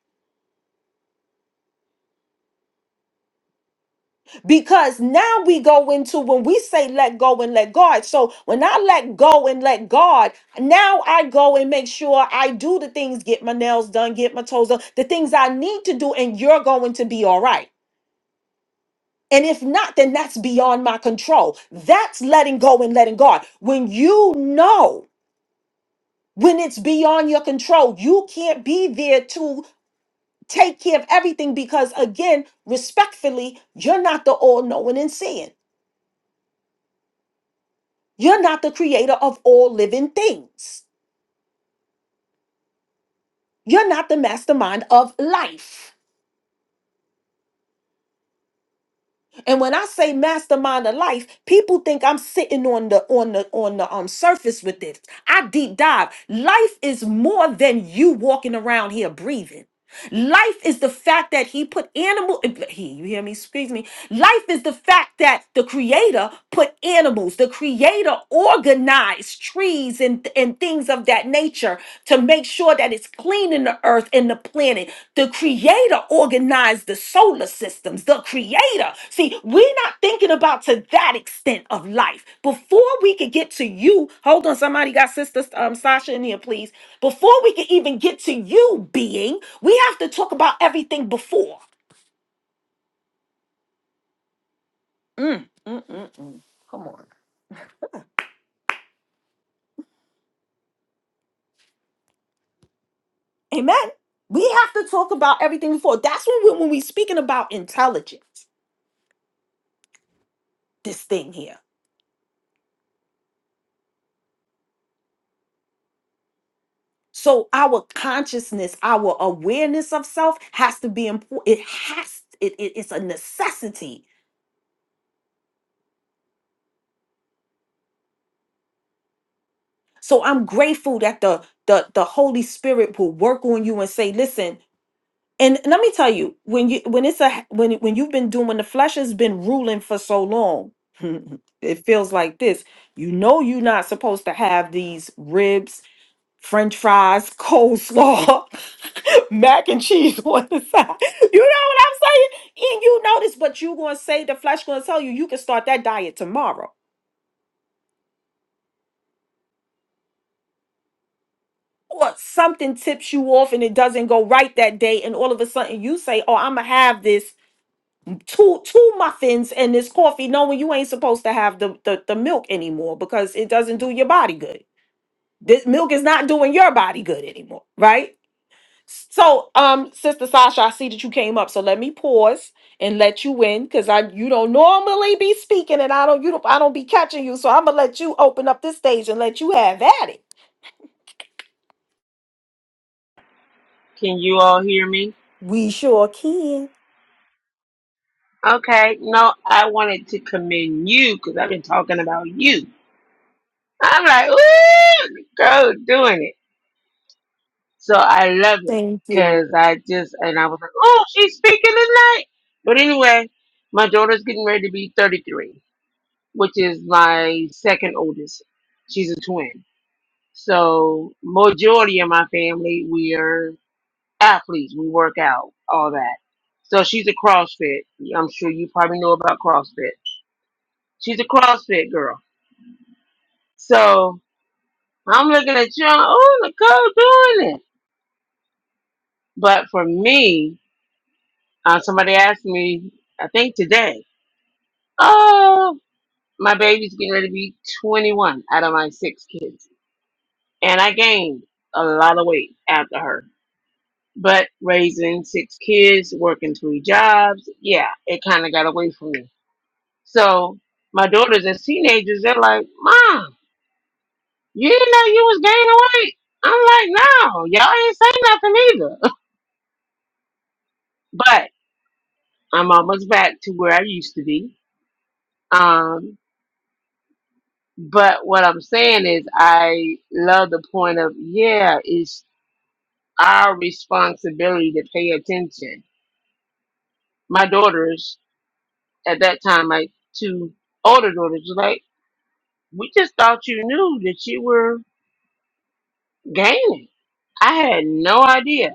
A: because now we go into when we say let go and let God. So when I let go and let God, now I go and make sure I do the things, get my nails done, get my toes done, the things I need to do, and you're going to be all right. And if not, then that's beyond my control. That's letting go and letting God. When you know when it's beyond your control, you can't be there to take care of everything because, again, respectfully, you're not the all knowing and seeing. You're not the creator of all living things. You're not the mastermind of life. And when I say mastermind of life, people think I'm sitting on the on the on the um surface with this. I deep dive. Life is more than you walking around here breathing. Life is the fact that he put animal he, you hear me, excuse me. Life is the fact that the creator put animals, the creator organized trees and, and things of that nature to make sure that it's clean in the earth and the planet. The creator organized the solar systems. The creator. See, we're not thinking about to that extent of life. Before we could get to you, hold on, somebody got sister um, Sasha in here, please. Before we could even get to you being, we have to talk about everything before. Mm, mm, mm, mm. Come on. Amen. We have to talk about everything before. That's when we, when we're speaking about intelligence, this thing here. So our consciousness, our awareness of self has to be important. It has it, it- it's a necessity. So I'm grateful that the the the Holy Spirit will work on you and say, listen. and let me tell you when you when it's a when when you've been doing when the flesh has been ruling for so long it feels like this you know you're not supposed to have these ribs french fries coleslaw mac and cheese on the side you know what i'm saying and you notice but you gonna say the flesh gonna tell you you can start that diet tomorrow or something tips you off and it doesn't go right that day and all of a sudden you say oh i'm gonna have this two two muffins and this coffee knowing you ain't supposed to have the, the the milk anymore because it doesn't do your body good this milk is not doing your body good anymore right so um sister sasha i see that you came up so let me pause and let you in because i you don't normally be speaking and i don't you don't i don't be catching you so i'm gonna let you open up this stage and let you have at it
F: Can you all hear me?
A: we sure can
F: Okay, no, I wanted to commend you because I've been talking about you. I'm like, ooh, go doing it. So I love it
A: thank you
F: because I just, and I was like, oh, she's speaking tonight. But anyway, my daughter's getting ready to be 33, which is my second oldest. She's a twin. So majority of my family, we are athletes. We work out, all that. So she's a CrossFit. I'm sure you probably know about CrossFit. She's a CrossFit girl. So I'm looking at you, oh, Nicole doing it. But for me, uh, somebody asked me, I think today, oh, my baby's getting ready to be 21 out of my six kids. And I gained a lot of weight after her. But raising six kids, working three jobs, yeah, it kind of got away from me. So my daughters as teenagers, they're like, Mom, You didn't know you was gaining weight. I'm like, no, y'all ain't say nothing either. But I'm almost back to where I used to be. Um, but what I'm saying is, I love the point of, yeah, it's our responsibility to pay attention. My daughters, at that time, my two older daughters, were like, we just thought you knew that you were gaining. I had no idea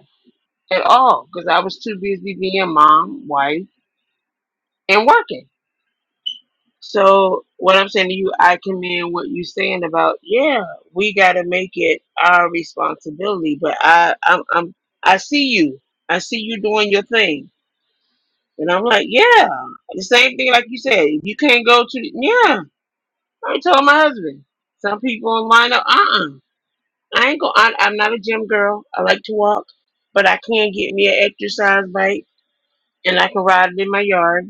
F: at all because I was too busy being mom, wife, and working. So what I'm saying to you, I commend what you saying about yeah, we got to make it our responsibility. But I, I'm, I'm, I see you. I see you doing your thing, and I'm like, yeah, the same thing like you said. If you can't go to, the, yeah, I told my husband. Some people line up. Uh, uh I ain't go. I, I'm not a gym girl. I like to walk, but I can get me an exercise bike, and I can ride it in my yard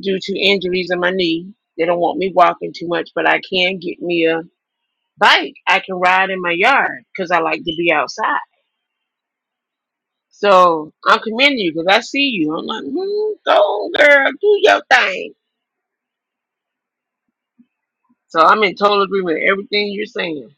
F: due to injuries in my knee. They don't want me walking too much, but I can get me a bike. I can ride in my yard because I like to be outside. So I'm commending you because I see you. I'm like, mm, go girl, do your thing. So I'm in total agreement with everything you're saying.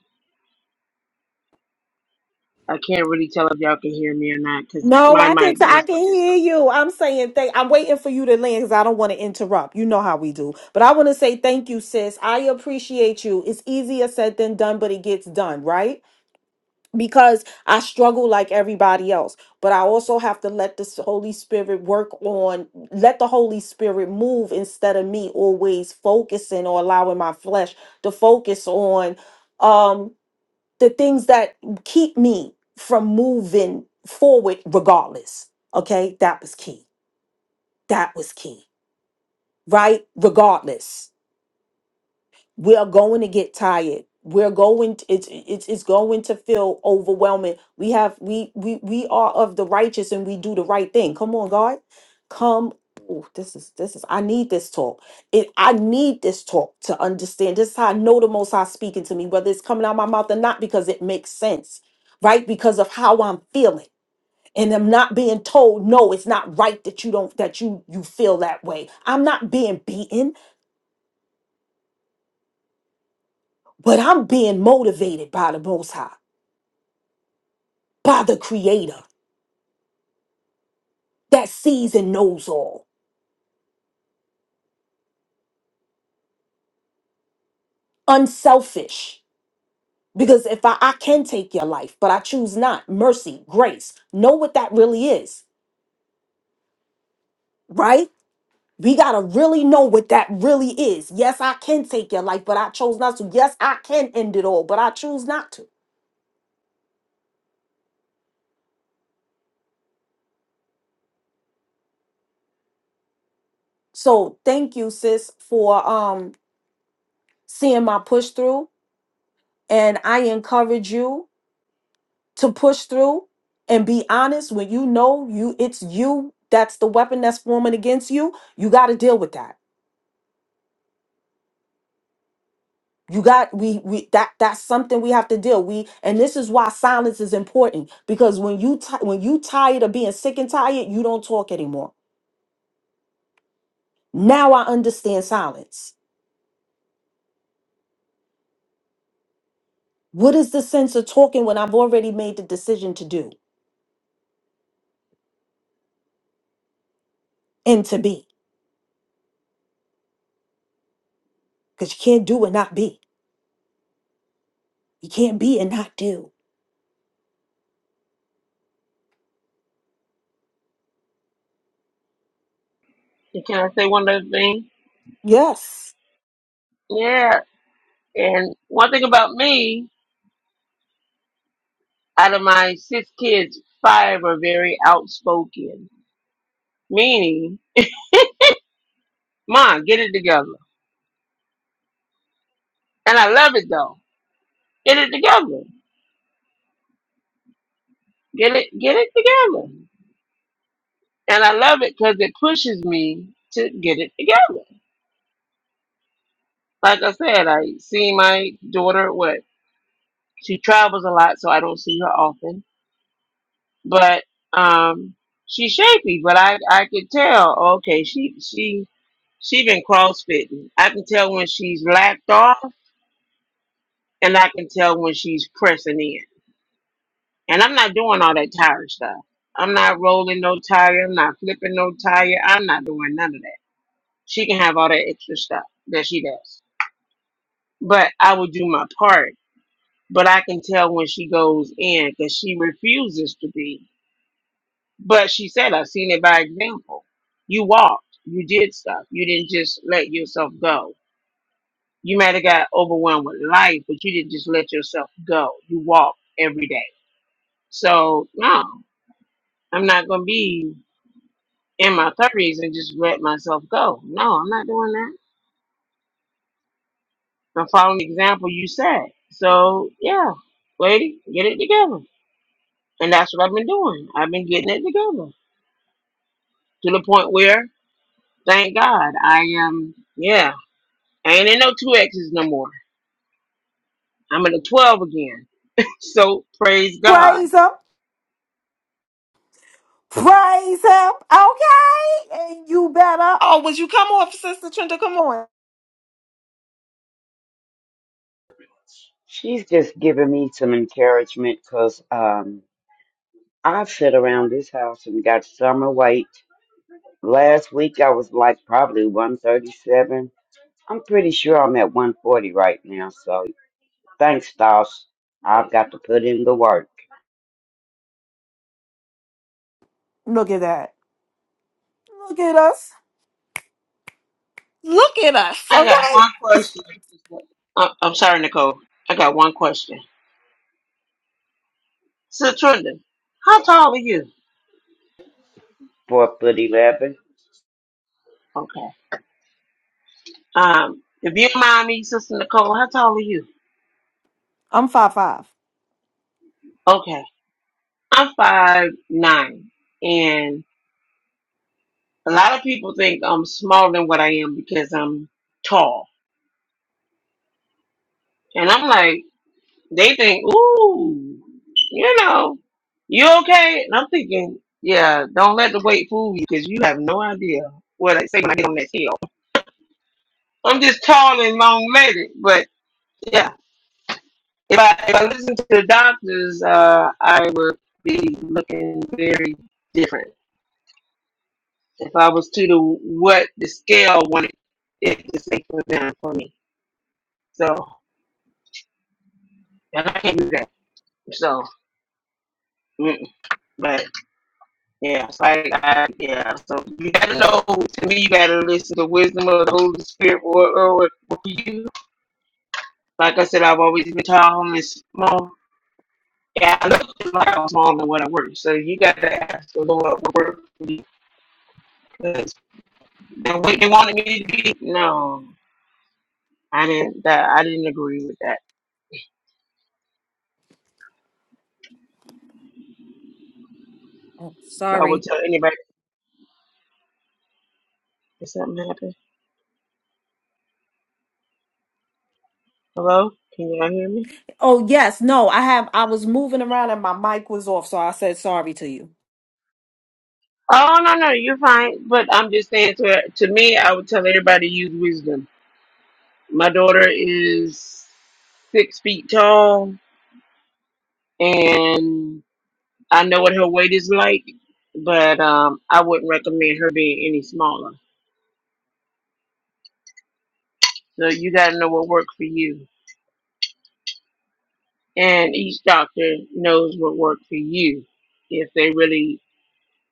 F: I can't really tell if y'all can hear me or not because
A: No,
F: my
A: I can
F: mic
A: t- I
F: just.
A: can hear you. I'm saying thank. I'm waiting for you to land because I don't want to interrupt. You know how we do. But I want to say thank you, sis. I appreciate you. It's easier said than done, but it gets done, right? Because I struggle like everybody else, but I also have to let the Holy Spirit work on, let the Holy Spirit move instead of me always focusing or allowing my flesh to focus on. Um, the things that keep me from moving forward regardless okay that was key that was key right regardless we're going to get tired we're going to, it's it's it's going to feel overwhelming we have we we we are of the righteous and we do the right thing come on god come Oh, this is this is i need this talk it i need this talk to understand this is how i know the most high speaking to me whether it's coming out of my mouth or not because it makes sense right because of how i'm feeling and i'm not being told no it's not right that you don't that you you feel that way i'm not being beaten But I'm being motivated by the Most High, by the Creator that sees and knows all, unselfish. Because if I, I can take your life, but I choose not, mercy, grace, know what that really is, right? We got to really know what that really is. Yes, I can take your life, but I chose not to. Yes, I can end it all, but I choose not to. So thank you, sis, for um seeing my push through. And I encourage you to push through and be honest when you know you it's you that's the weapon that's forming against you you got to deal with that you got we we that that's something we have to deal we and this is why silence is important because when you ti when you tired of being sick and tired you don't talk anymore now i understand silence what is the sense of talking when i've already made the decision to do and to be because you can't do and not be you can't be and not do
F: Can I say one other thing?
A: yes
F: Yeah. And one thing about me, out of my six kids, five are very outspoken, meaning Ma, get it together. And I love it though. Get it together. Get it get it together. And I love it because it pushes me to get it together. Like I said, I see my daughter what she travels a lot, so I don't see her often. But um she's shaky, but I I could tell, okay, she she she been crossfitting. I can tell when she's lapped off and I can tell when she's pressing in. And I'm not doing all that tire stuff. I'm not rolling no tire. I'm not flipping no tire. I'm not doing none of that. She can have all that extra stuff that she does. But I will do my part. But I can tell when she goes in because she refuses to be. But she said, I've seen it by example. You walked, you did stuff. You didn't just let yourself go. You might have got overwhelmed with life, but you didn't just let yourself go. You walked every day. So, no, I'm not going to be in my thirties and just let myself go. No, I'm not doing that. I'm following the example you said. So yeah, lady, get it together. And that's what I've been doing. I've been getting it together to the point where, thank God, I am. Yeah, I ain't in no two X's no more. I'm in a twelve again. So praise God.
A: praise him Praise him. Okay. And you better. Oh, would you come off, Sister Trinda? Come on.
B: She's just giving me some encouragement because um, I've sit around this house and got summer weight. Last week I was like probably 137. I'm pretty sure I'm at 140 right now. So thanks, Doss. I've got to put in the work.
A: Look at that. Look at us. Look at us.
F: I got
A: Okay.
F: one question. Uh, I'm sorry, Nicole. I got one question. Sister Trinda, how tall are you?
B: Four foot 11.
F: Okay. Um, if you don't mind me, Sister Nicole, how tall are you?
A: I'm five five.
F: Okay. I'm five nine and a lot of people think I'm smaller than what I am because I'm tall. And I'm like, they think, ooh, you know, you okay? And I'm thinking, yeah, don't let the weight fool you because you have no idea what I say when I get on that scale. I'm just tall and long legged, but yeah. If I if I listen to the doctors, uh, I would be looking very different. If I was to do what the scale wanted it to say for them for me. So and I can't do that. So mm, but yeah, so I, I yeah. So you gotta know to me you gotta listen to wisdom of the Holy Spirit or or for you. Like I said, I've always been tall and small. Yeah, I look like I'm smaller than what I work. So you gotta ask the Lord what work for you. Because the way they wanted me to be, no. I didn't that I didn't agree with that. So I would
A: Sorry.
F: tell anybody if something happened. Hello? Can y'all hear me?
A: Oh yes, no, I have I was moving around and my mic was off, so I said sorry to you.
F: Oh no, no, you're fine. But I'm just saying to to me, I would tell everybody to use wisdom. My daughter is six feet tall, and I know what her weight is like, but um, I wouldn't recommend her being any smaller. So you got to know what works for you, and each doctor knows what works for you. If they really,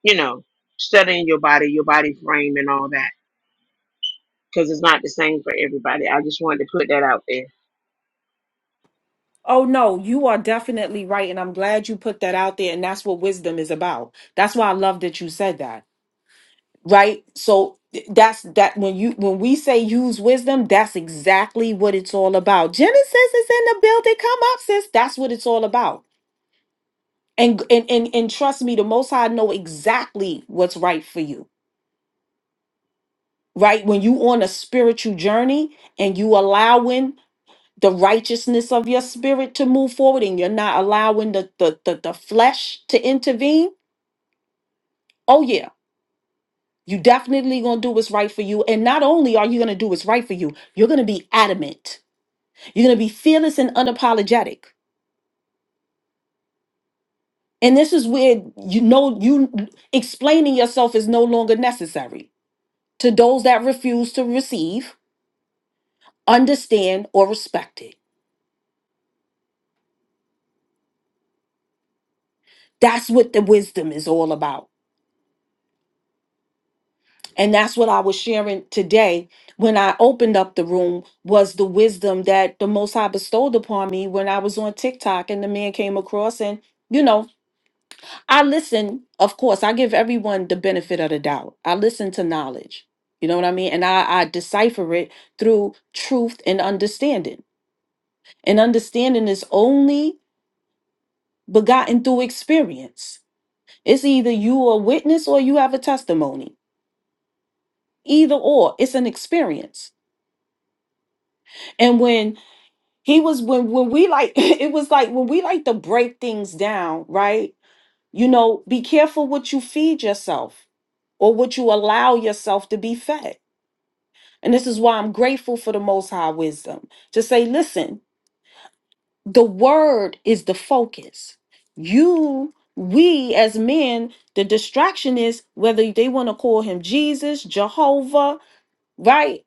F: you know, studying your body, your body frame, and all that. because it's not the same for everybody. I just wanted to put that out there.
A: Oh no, you are definitely right, and I'm glad you put that out there, and that's what wisdom is about. That's why I love that you said that right so th- that's that when you when we say use wisdom that's exactly what it's all about genesis is in the building come up sis that's what it's all about and and and, and trust me the most high know exactly what's right for you right when you on a spiritual journey and you allowing the righteousness of your spirit to move forward and you're not allowing the the the, the flesh to intervene oh yeah you definitely gonna do what's right for you and not only are you gonna do what's right for you you're gonna be adamant You're going to be fearless and unapologetic. And this is where you know you explaining yourself is no longer necessary to those that refuse to receive, understand, or respect it. That's what the wisdom is all about. And that's what I was sharing today when I opened up the room was the wisdom that the Most High bestowed upon me when I was on TikTok and the man came across and you know I listen, of course, I give everyone the benefit of the doubt. I listen to knowledge. You know what I mean? And I, I decipher it through truth and understanding. And understanding is only begotten through experience. It's either you are a witness or you have a testimony. Either or, it's an experience. And when he was when when we like it was like when we like to break things down, right? You know, be careful what you feed yourself or what you allow yourself to be fed And this is why I'm grateful for the Most High wisdom to say, listen, the word is the focus. You, we as men, the distraction is whether they want to call him Jesus, Jehovah, right?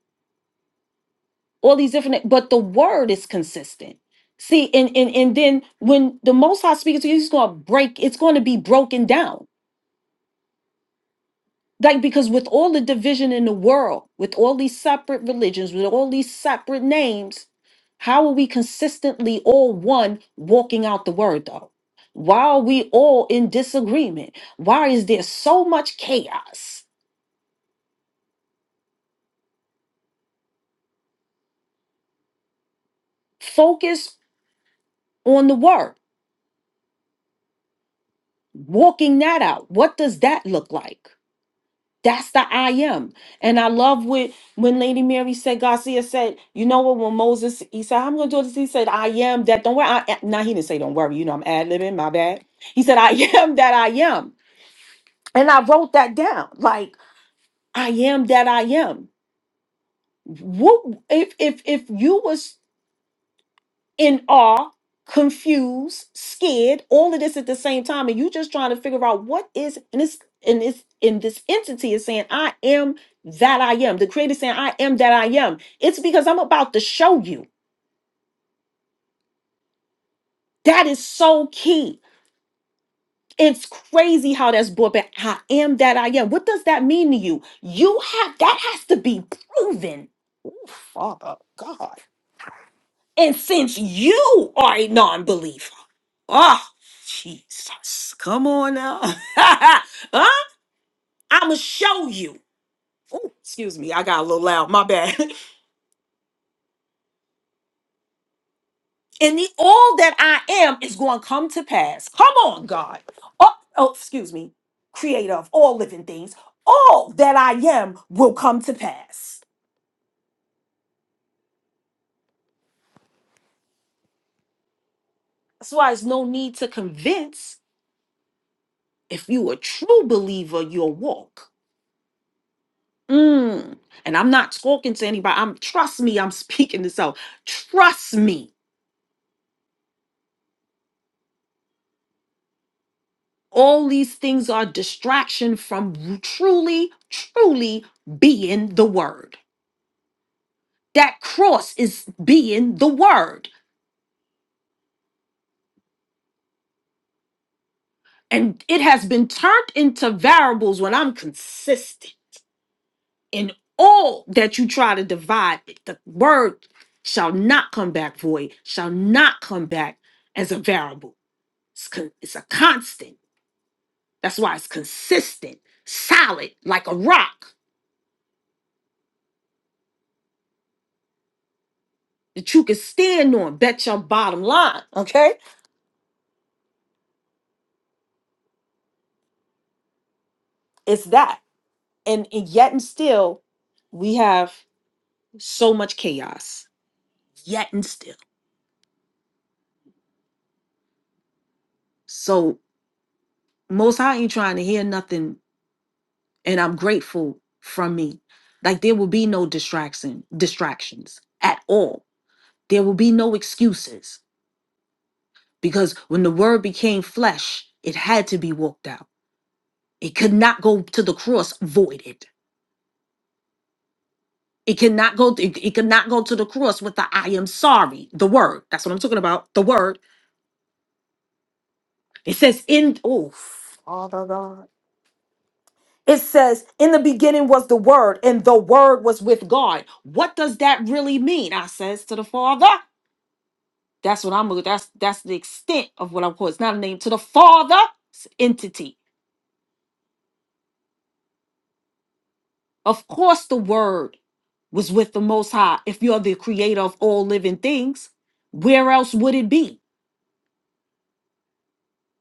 A: All these different, but the word is consistent. See, and and and then when the Most High speaks to you, he's going to break. It's going to be broken down Like, because with all the division in the world, with all these separate religions, with all these separate names, how are we consistently all one walking out the word, though? Why are we all in disagreement? Why is there so much chaos? Focus on the word, walking that out. What does that look like? That's the I am. And I love what when Lady Mary said, Garcia said, you know what, when Moses, he said, I'm gonna do this. He said, I am that don't worry. I am. Now he didn't say don't worry, you know, I'm ad libbing, my bad. He said, I am that I am. And I wrote that down. Like, I am that I am. What if if if you was in awe, confused, scared, all of this at the same time, and you just trying to figure out what is and this and this in this entity is saying, I am that I am. The creator saying, I am that I am. It's because I'm about to show you. That is so key. It's crazy how that's brought back. I am that I am. What does that mean to you? You have that has to be proven. Ooh, Father God. And since you are a non believer, oh, Jesus, come on now. huh? I'm going to show you. Oh, excuse me, I got a little loud. My bad. And the all that I am is going to come to pass. Come on, God. Oh, oh, excuse me, creator of all living things. All that I am will come to pass. That's why there's no need to convince if you a true believer, you'll walk. Mm. And I'm not talking to anybody. I'm trust me, I'm speaking to self. Trust me. All these things are distraction from truly, truly being the word. That cross is being the word. And it has been turned into variables when I'm consistent in all that you try to divide. The word shall not come back void, shall not come back as a variable. It's, con- it's a constant That's why it's consistent, solid, like a rock that you can stand on. Bet your bottom line. Okay. It's that. And, and yet and still, we have so much chaos. Yet and still. So most I ain't trying to hear nothing. And I'm grateful from me. Like there will be no distraction, distractions at all. There will be no excuses. Because when the word became flesh, it had to be walked out. It could not go to the cross voided It cannot go. It, it cannot go to the cross with the "I am sorry." The word. That's what I'm talking about. The word. It says in. Oh, Father God. It says in the beginning was the word, and the word was with God. What does that really mean? I says to the Father. That's what I'm. That's that's the extent of what I'm called. It's not a name to the Father. It's an entity. Of course, the word was with the Most High. If you're the creator of all living things, where else would it be?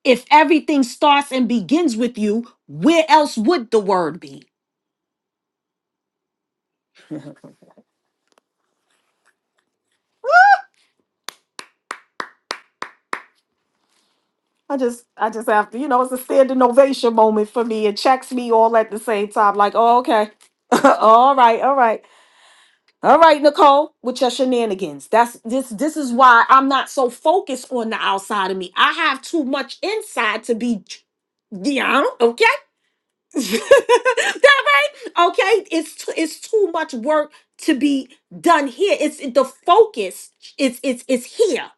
A: If everything starts and begins with you, where else would the word be? I just, I just have to, you know, it's a standing ovation moment for me. It checks me all at the same time. Like, oh, okay, all right, all right, all right, Nicole, with your shenanigans. That's this. This is why I'm not so focused on the outside of me. I have too much inside to be, yeah, that right? Okay, it's it's too much work to be done here. It's the focus. It's it's it's here.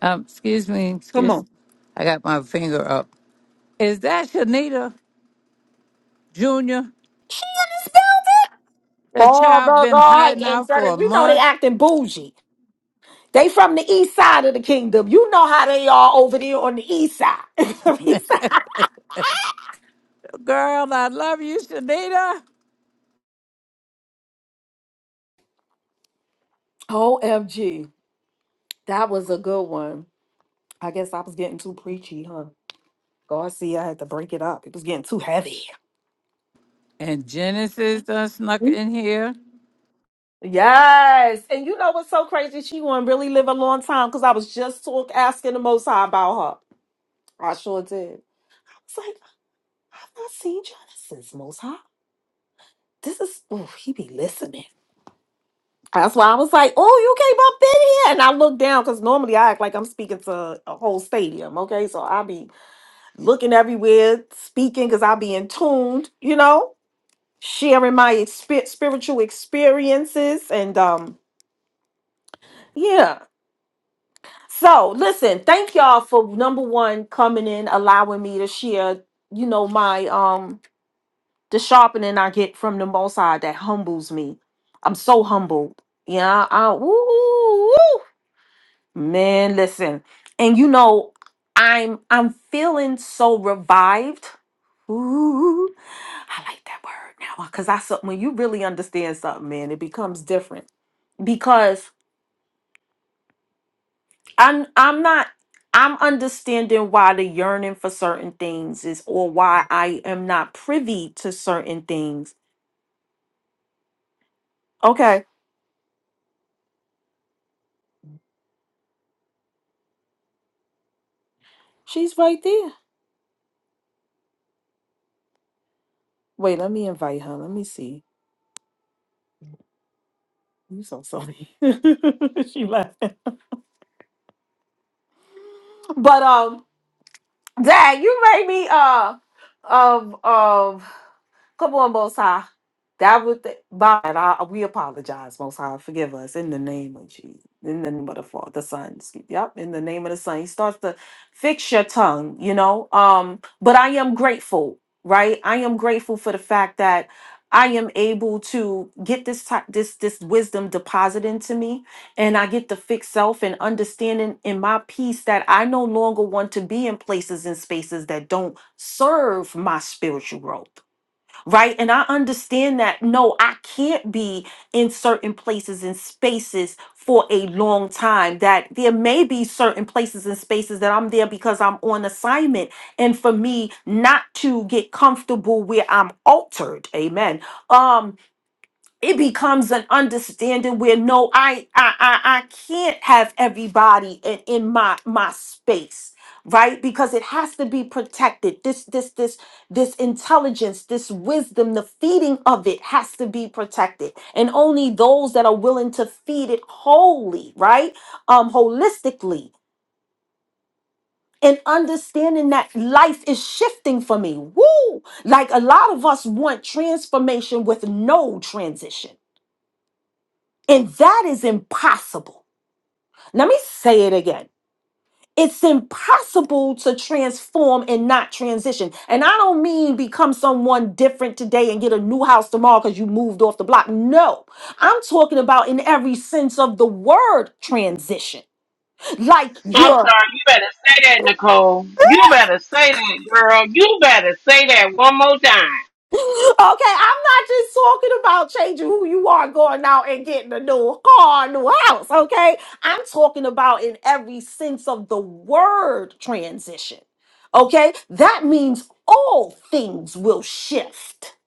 D: Um, excuse me,
A: Come
D: excuse
A: on,
D: me. I got my finger up. Is that Shanita Jr.? The child
A: Father
D: been
A: God
D: hiding
A: and
D: out for
A: Son.
D: a
A: You know they
D: month.
A: acting bougie. They from the east side of the kingdom. You know how they are over there on the east side. East side.
D: Girl, I love you, Shanita.
A: Omg, that was a good one. I guess I was getting too preachy, huh? God, see, I had to break it up. It was getting too heavy.
D: And Genesis done snuck in here.
A: Yes. And you know what's so crazy? She won't really live a long time because I was just talk asking the Most High about her. I sure did. It's like I've not seen Jenna since Most High. This is oh, he be listening. That's why I was like, oh, you came up in here. And I looked down because normally I act like I'm speaking to a whole stadium. Okay. So I be looking everywhere, speaking because I be in tuned, you know, sharing my exp- spiritual experiences. And um, yeah. So listen, thank y'all for number one coming in, allowing me to share, you know, my um the sharpening I get from the most high that humbles me. I'm so humbled. Yeah, I woo, woo, woo. man, listen. And you know, I'm I'm feeling so revived. Ooh, I like that word now because I so when you really understand something, man, it becomes different. I'm I'm not I'm understanding why the yearning for certain things is or why I am not privy to certain things. Okay. She's right there. Wait, let me invite her. Let me see. You so sorry. she left. But um Dad, you made me uh of of come on, Most High. That was the by I, we apologize, Most High. Forgive us in the name of Jesus. In the name of the Father, the Son. excuse- Yep, in the name of the Son. He starts to fix your tongue, you know. Um, but I am grateful, right? I am grateful for the fact that I am able to get this type this this wisdom deposited into me and I get to fix self and understanding in my peace that I no longer want to be in places and spaces that don't serve my spiritual growth. Right. And I understand that no, I can't be in certain places and spaces for a long time. That there may be certain places and spaces that I'm there because I'm on assignment. And for me not to get comfortable where I'm altered, amen. Um it becomes an understanding where no I, I i i can't have everybody in, in my my space right because it has to be protected this this this this intelligence this wisdom the feeding of it has to be protected and only those that are willing to feed it wholly right um holistically and understanding that life is shifting for me woo like a lot of us want transformation with no transition And that is impossible. Let me say it again. It's impossible to transform and not transition. And I don't mean become someone different today and get a new house tomorrow because you moved off the block. No, I'm talking about in every sense of the word transition. Like
F: I'm
A: you're
F: sorry. You better say that, Nicole. You better say that, girl. You better say that one more time.
A: Okay, I'm not just talking about changing who you are, going out and getting a new car, new house. Okay, I'm talking about in every sense of the word transition. Okay, that means all things will shift.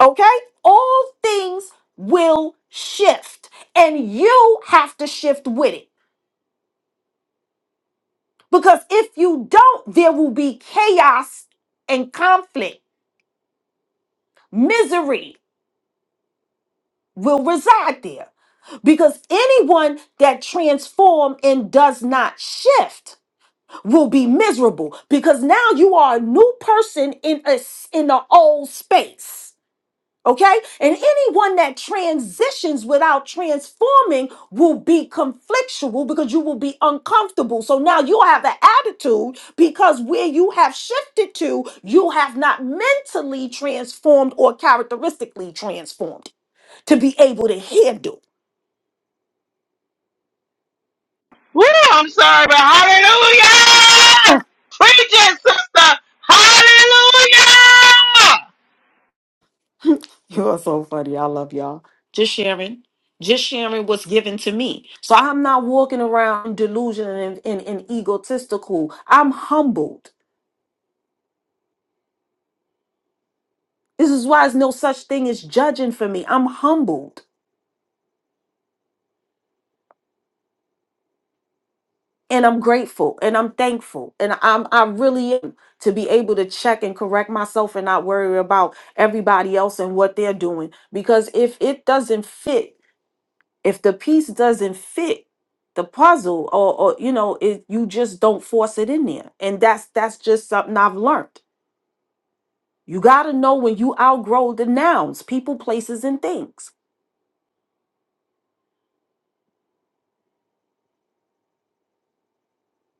A: Okay, all things will shift, and you have to shift with it because if you don't, there will be chaos and conflict, misery. will reside there. Because anyone that transform and does not shift will be miserable because now you are a new person in a s- in the old space. Okay? And anyone that transitions without transforming will be conflictual because you will be uncomfortable. So now you have an attitude because where you have shifted to, you have not mentally transformed or characteristically transformed to be able to handle.
F: Woo! I'm sorry, but hallelujah! Preach it, sister. Hallelujah!
A: You are so funny. I love y'all. Just sharing. Just sharing what's given to me. So I'm not walking around delusional and, and, and egotistical. I'm humbled. This is why there's no such thing as judging for me. I'm humbled and I'm grateful and I'm thankful. And I'm I really am to be able to check and correct myself and not worry about everybody else and what they're doing. Because if it doesn't fit if the piece doesn't fit the puzzle or, or you know it, you just don't force it in there and that's that's just something i've learned you got to know when you outgrow the nouns people places and things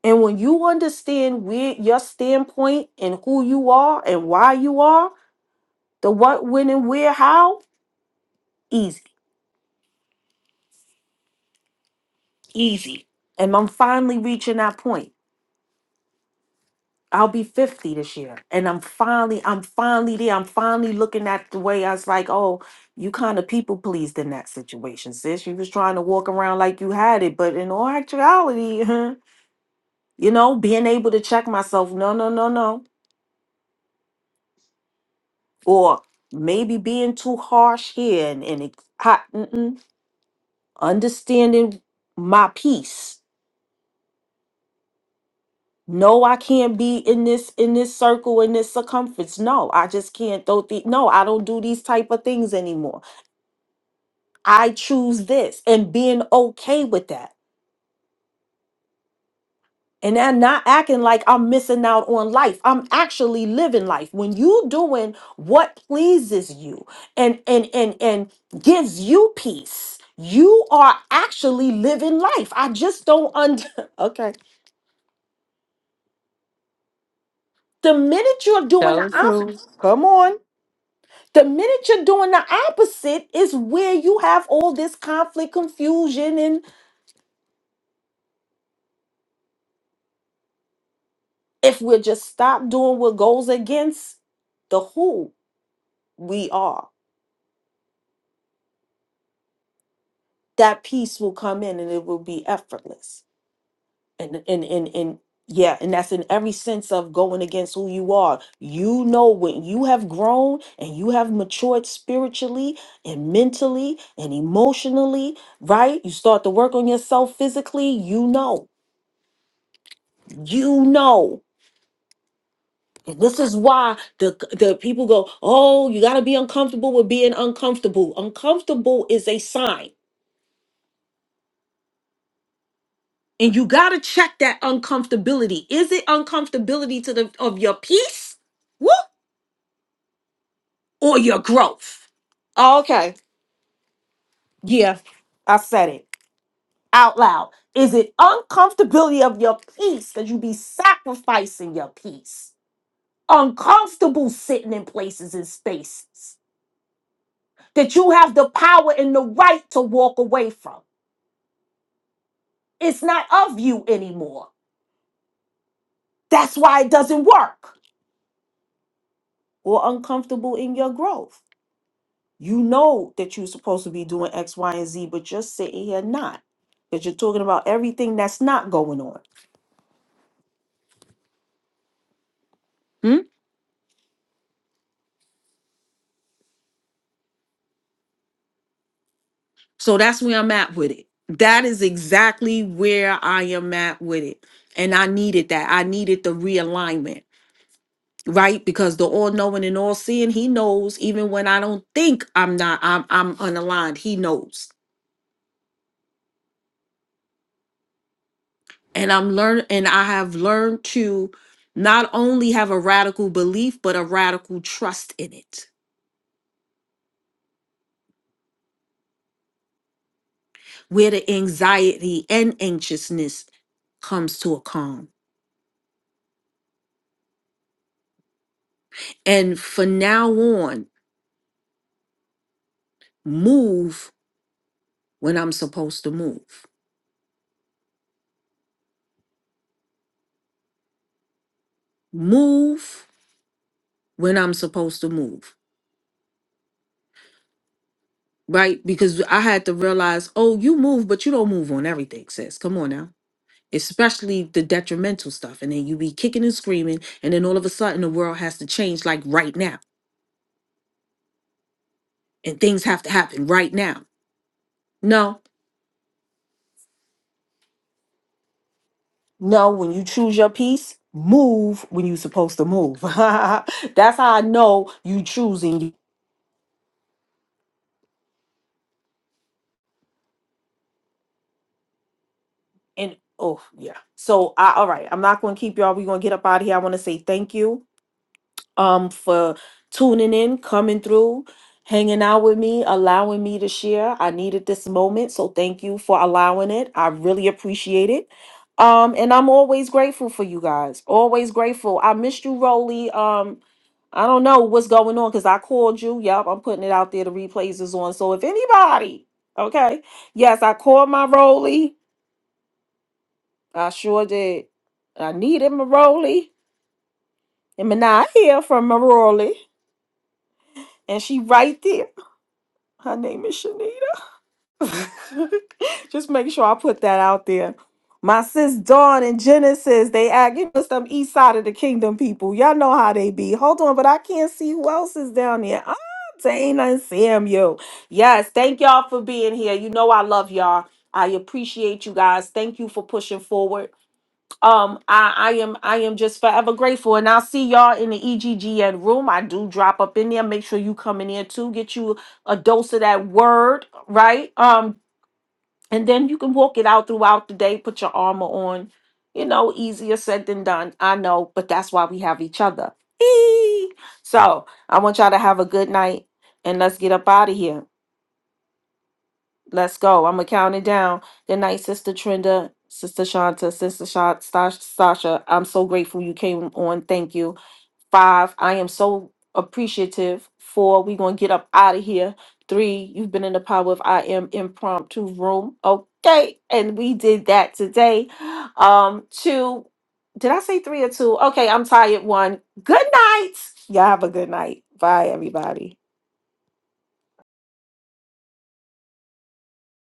A: and when you understand where your standpoint and who you are and why you are the what when and where how easy easy and i'm finally reaching that point I'll be 50 this year. And I'm finally, I'm finally there. I'm finally looking at the way I was like, oh, you kind of people pleased in that situation, sis. You was trying to walk around like you had it, but in all actuality, you know, being able to check myself, no, no, no, no. Or maybe being too harsh here and, and it, hot, mm-mm. understanding my peace. No, I can't be in this in this circle in this circumference. No, I just can't throw the no, I don't do these type of things anymore I choose this and being okay with that. And then not acting like I'm missing out on life. I'm actually living life. When you doing what pleases you and and and and gives you peace, you are actually living life. I just don't under okay. The minute you're doing
D: Tell the
A: the opposite,
D: truth.
A: come on. The minute you're doing the opposite is where you have all this conflict, confusion, and if we just stop doing what goes against the who we are that peace will come in and it will be effortless and and and and yeah and that's in every sense of going against who you are you know when you have grown and you have matured spiritually and mentally and emotionally right you start to work on yourself physically you know you know and this is why the the people go oh you got to be uncomfortable with being uncomfortable uncomfortable is a sign And you got to check that uncomfortability. Is it uncomfortability to the of your peace? Woo! Or your growth? Okay. Yeah. I said it out loud. Is it uncomfortability of your peace cuz you be sacrificing your peace? Uncomfortable sitting in places and spaces that you have the power and the right to walk away from. It's not of you anymore. That's why it doesn't work. Or uncomfortable in your growth You know that you're supposed to be doing X, Y, and Z, but you're sitting here not. Because you're talking about everything that's not going on. Hmm? So that's where I'm at with it. That is exactly where I am at with it. And I needed that. I needed the realignment, right? Because the all knowing and all seeing, he knows even when I don't think I'm not, I'm I'm unaligned, he knows. And I'm learn and I have learned to not only have a radical belief, but a radical trust in it where the anxiety and anxiousness comes to a calm. And for now on, move when I'm supposed to move. Move when I'm supposed to move, right? Because I had to realize, oh, you move, but you don't move on everything, sis. Come on now. Especially the detrimental stuff. And then you be kicking and screaming. And then all of a sudden, the world has to change like right now. And things have to happen right now. No, No, when you choose your piece, move when you're supposed to move. That's how I know you choosing. you- And oh yeah. So I all right. I'm not gonna keep y'all. We're gonna get up out of here. I wanna say thank you. um, for tuning in, coming through, hanging out with me, allowing me to share. I needed this moment, so thank you for allowing it. I really appreciate it. Um, and I'm always grateful for you guys. Always grateful. I missed you, Roly. Um, I don't know what's going on because I called you. Yep, I'm putting it out there. The replays is on. So if anybody, okay, yes, I called my Roly. I sure did. I needed my Roly. And I hear from my Roly. And she right there. Her name is Shanita. Just make sure I put that out there. My sis Dawn and Genesis, they act, you know, some east side of the kingdom people. Y'all know how they be. Hold on, but I can't see who else is down there. Ah, Dana and Samuel. Yes, thank y'all for being here. You know I love y'all. I appreciate you guys. Thank you for pushing forward um I, I am i am just forever grateful and i'll see y'all in the eggn room i do drop up in there make sure you come in there too get you a dose of that word right um and then you can walk it out throughout the day put your armor on you know easier said than done i know but that's why we have each other Eee. so i want y'all to have a good night and let's get up out of here Let's go. I'm gonna count it down. Good night, Sister Trinda, Sister Shanta, Sister Sha- Sa- Sasha. I'm so grateful you came on. Thank you. Five. I am so appreciative. Four. We gonna get up out of here. Three. You've been in the power of I am impromptu room. Okay, and we did that today. Um. Two. Did I say three or two? Okay, I'm tired. One. Good night. Y'all have a good night. Bye, everybody.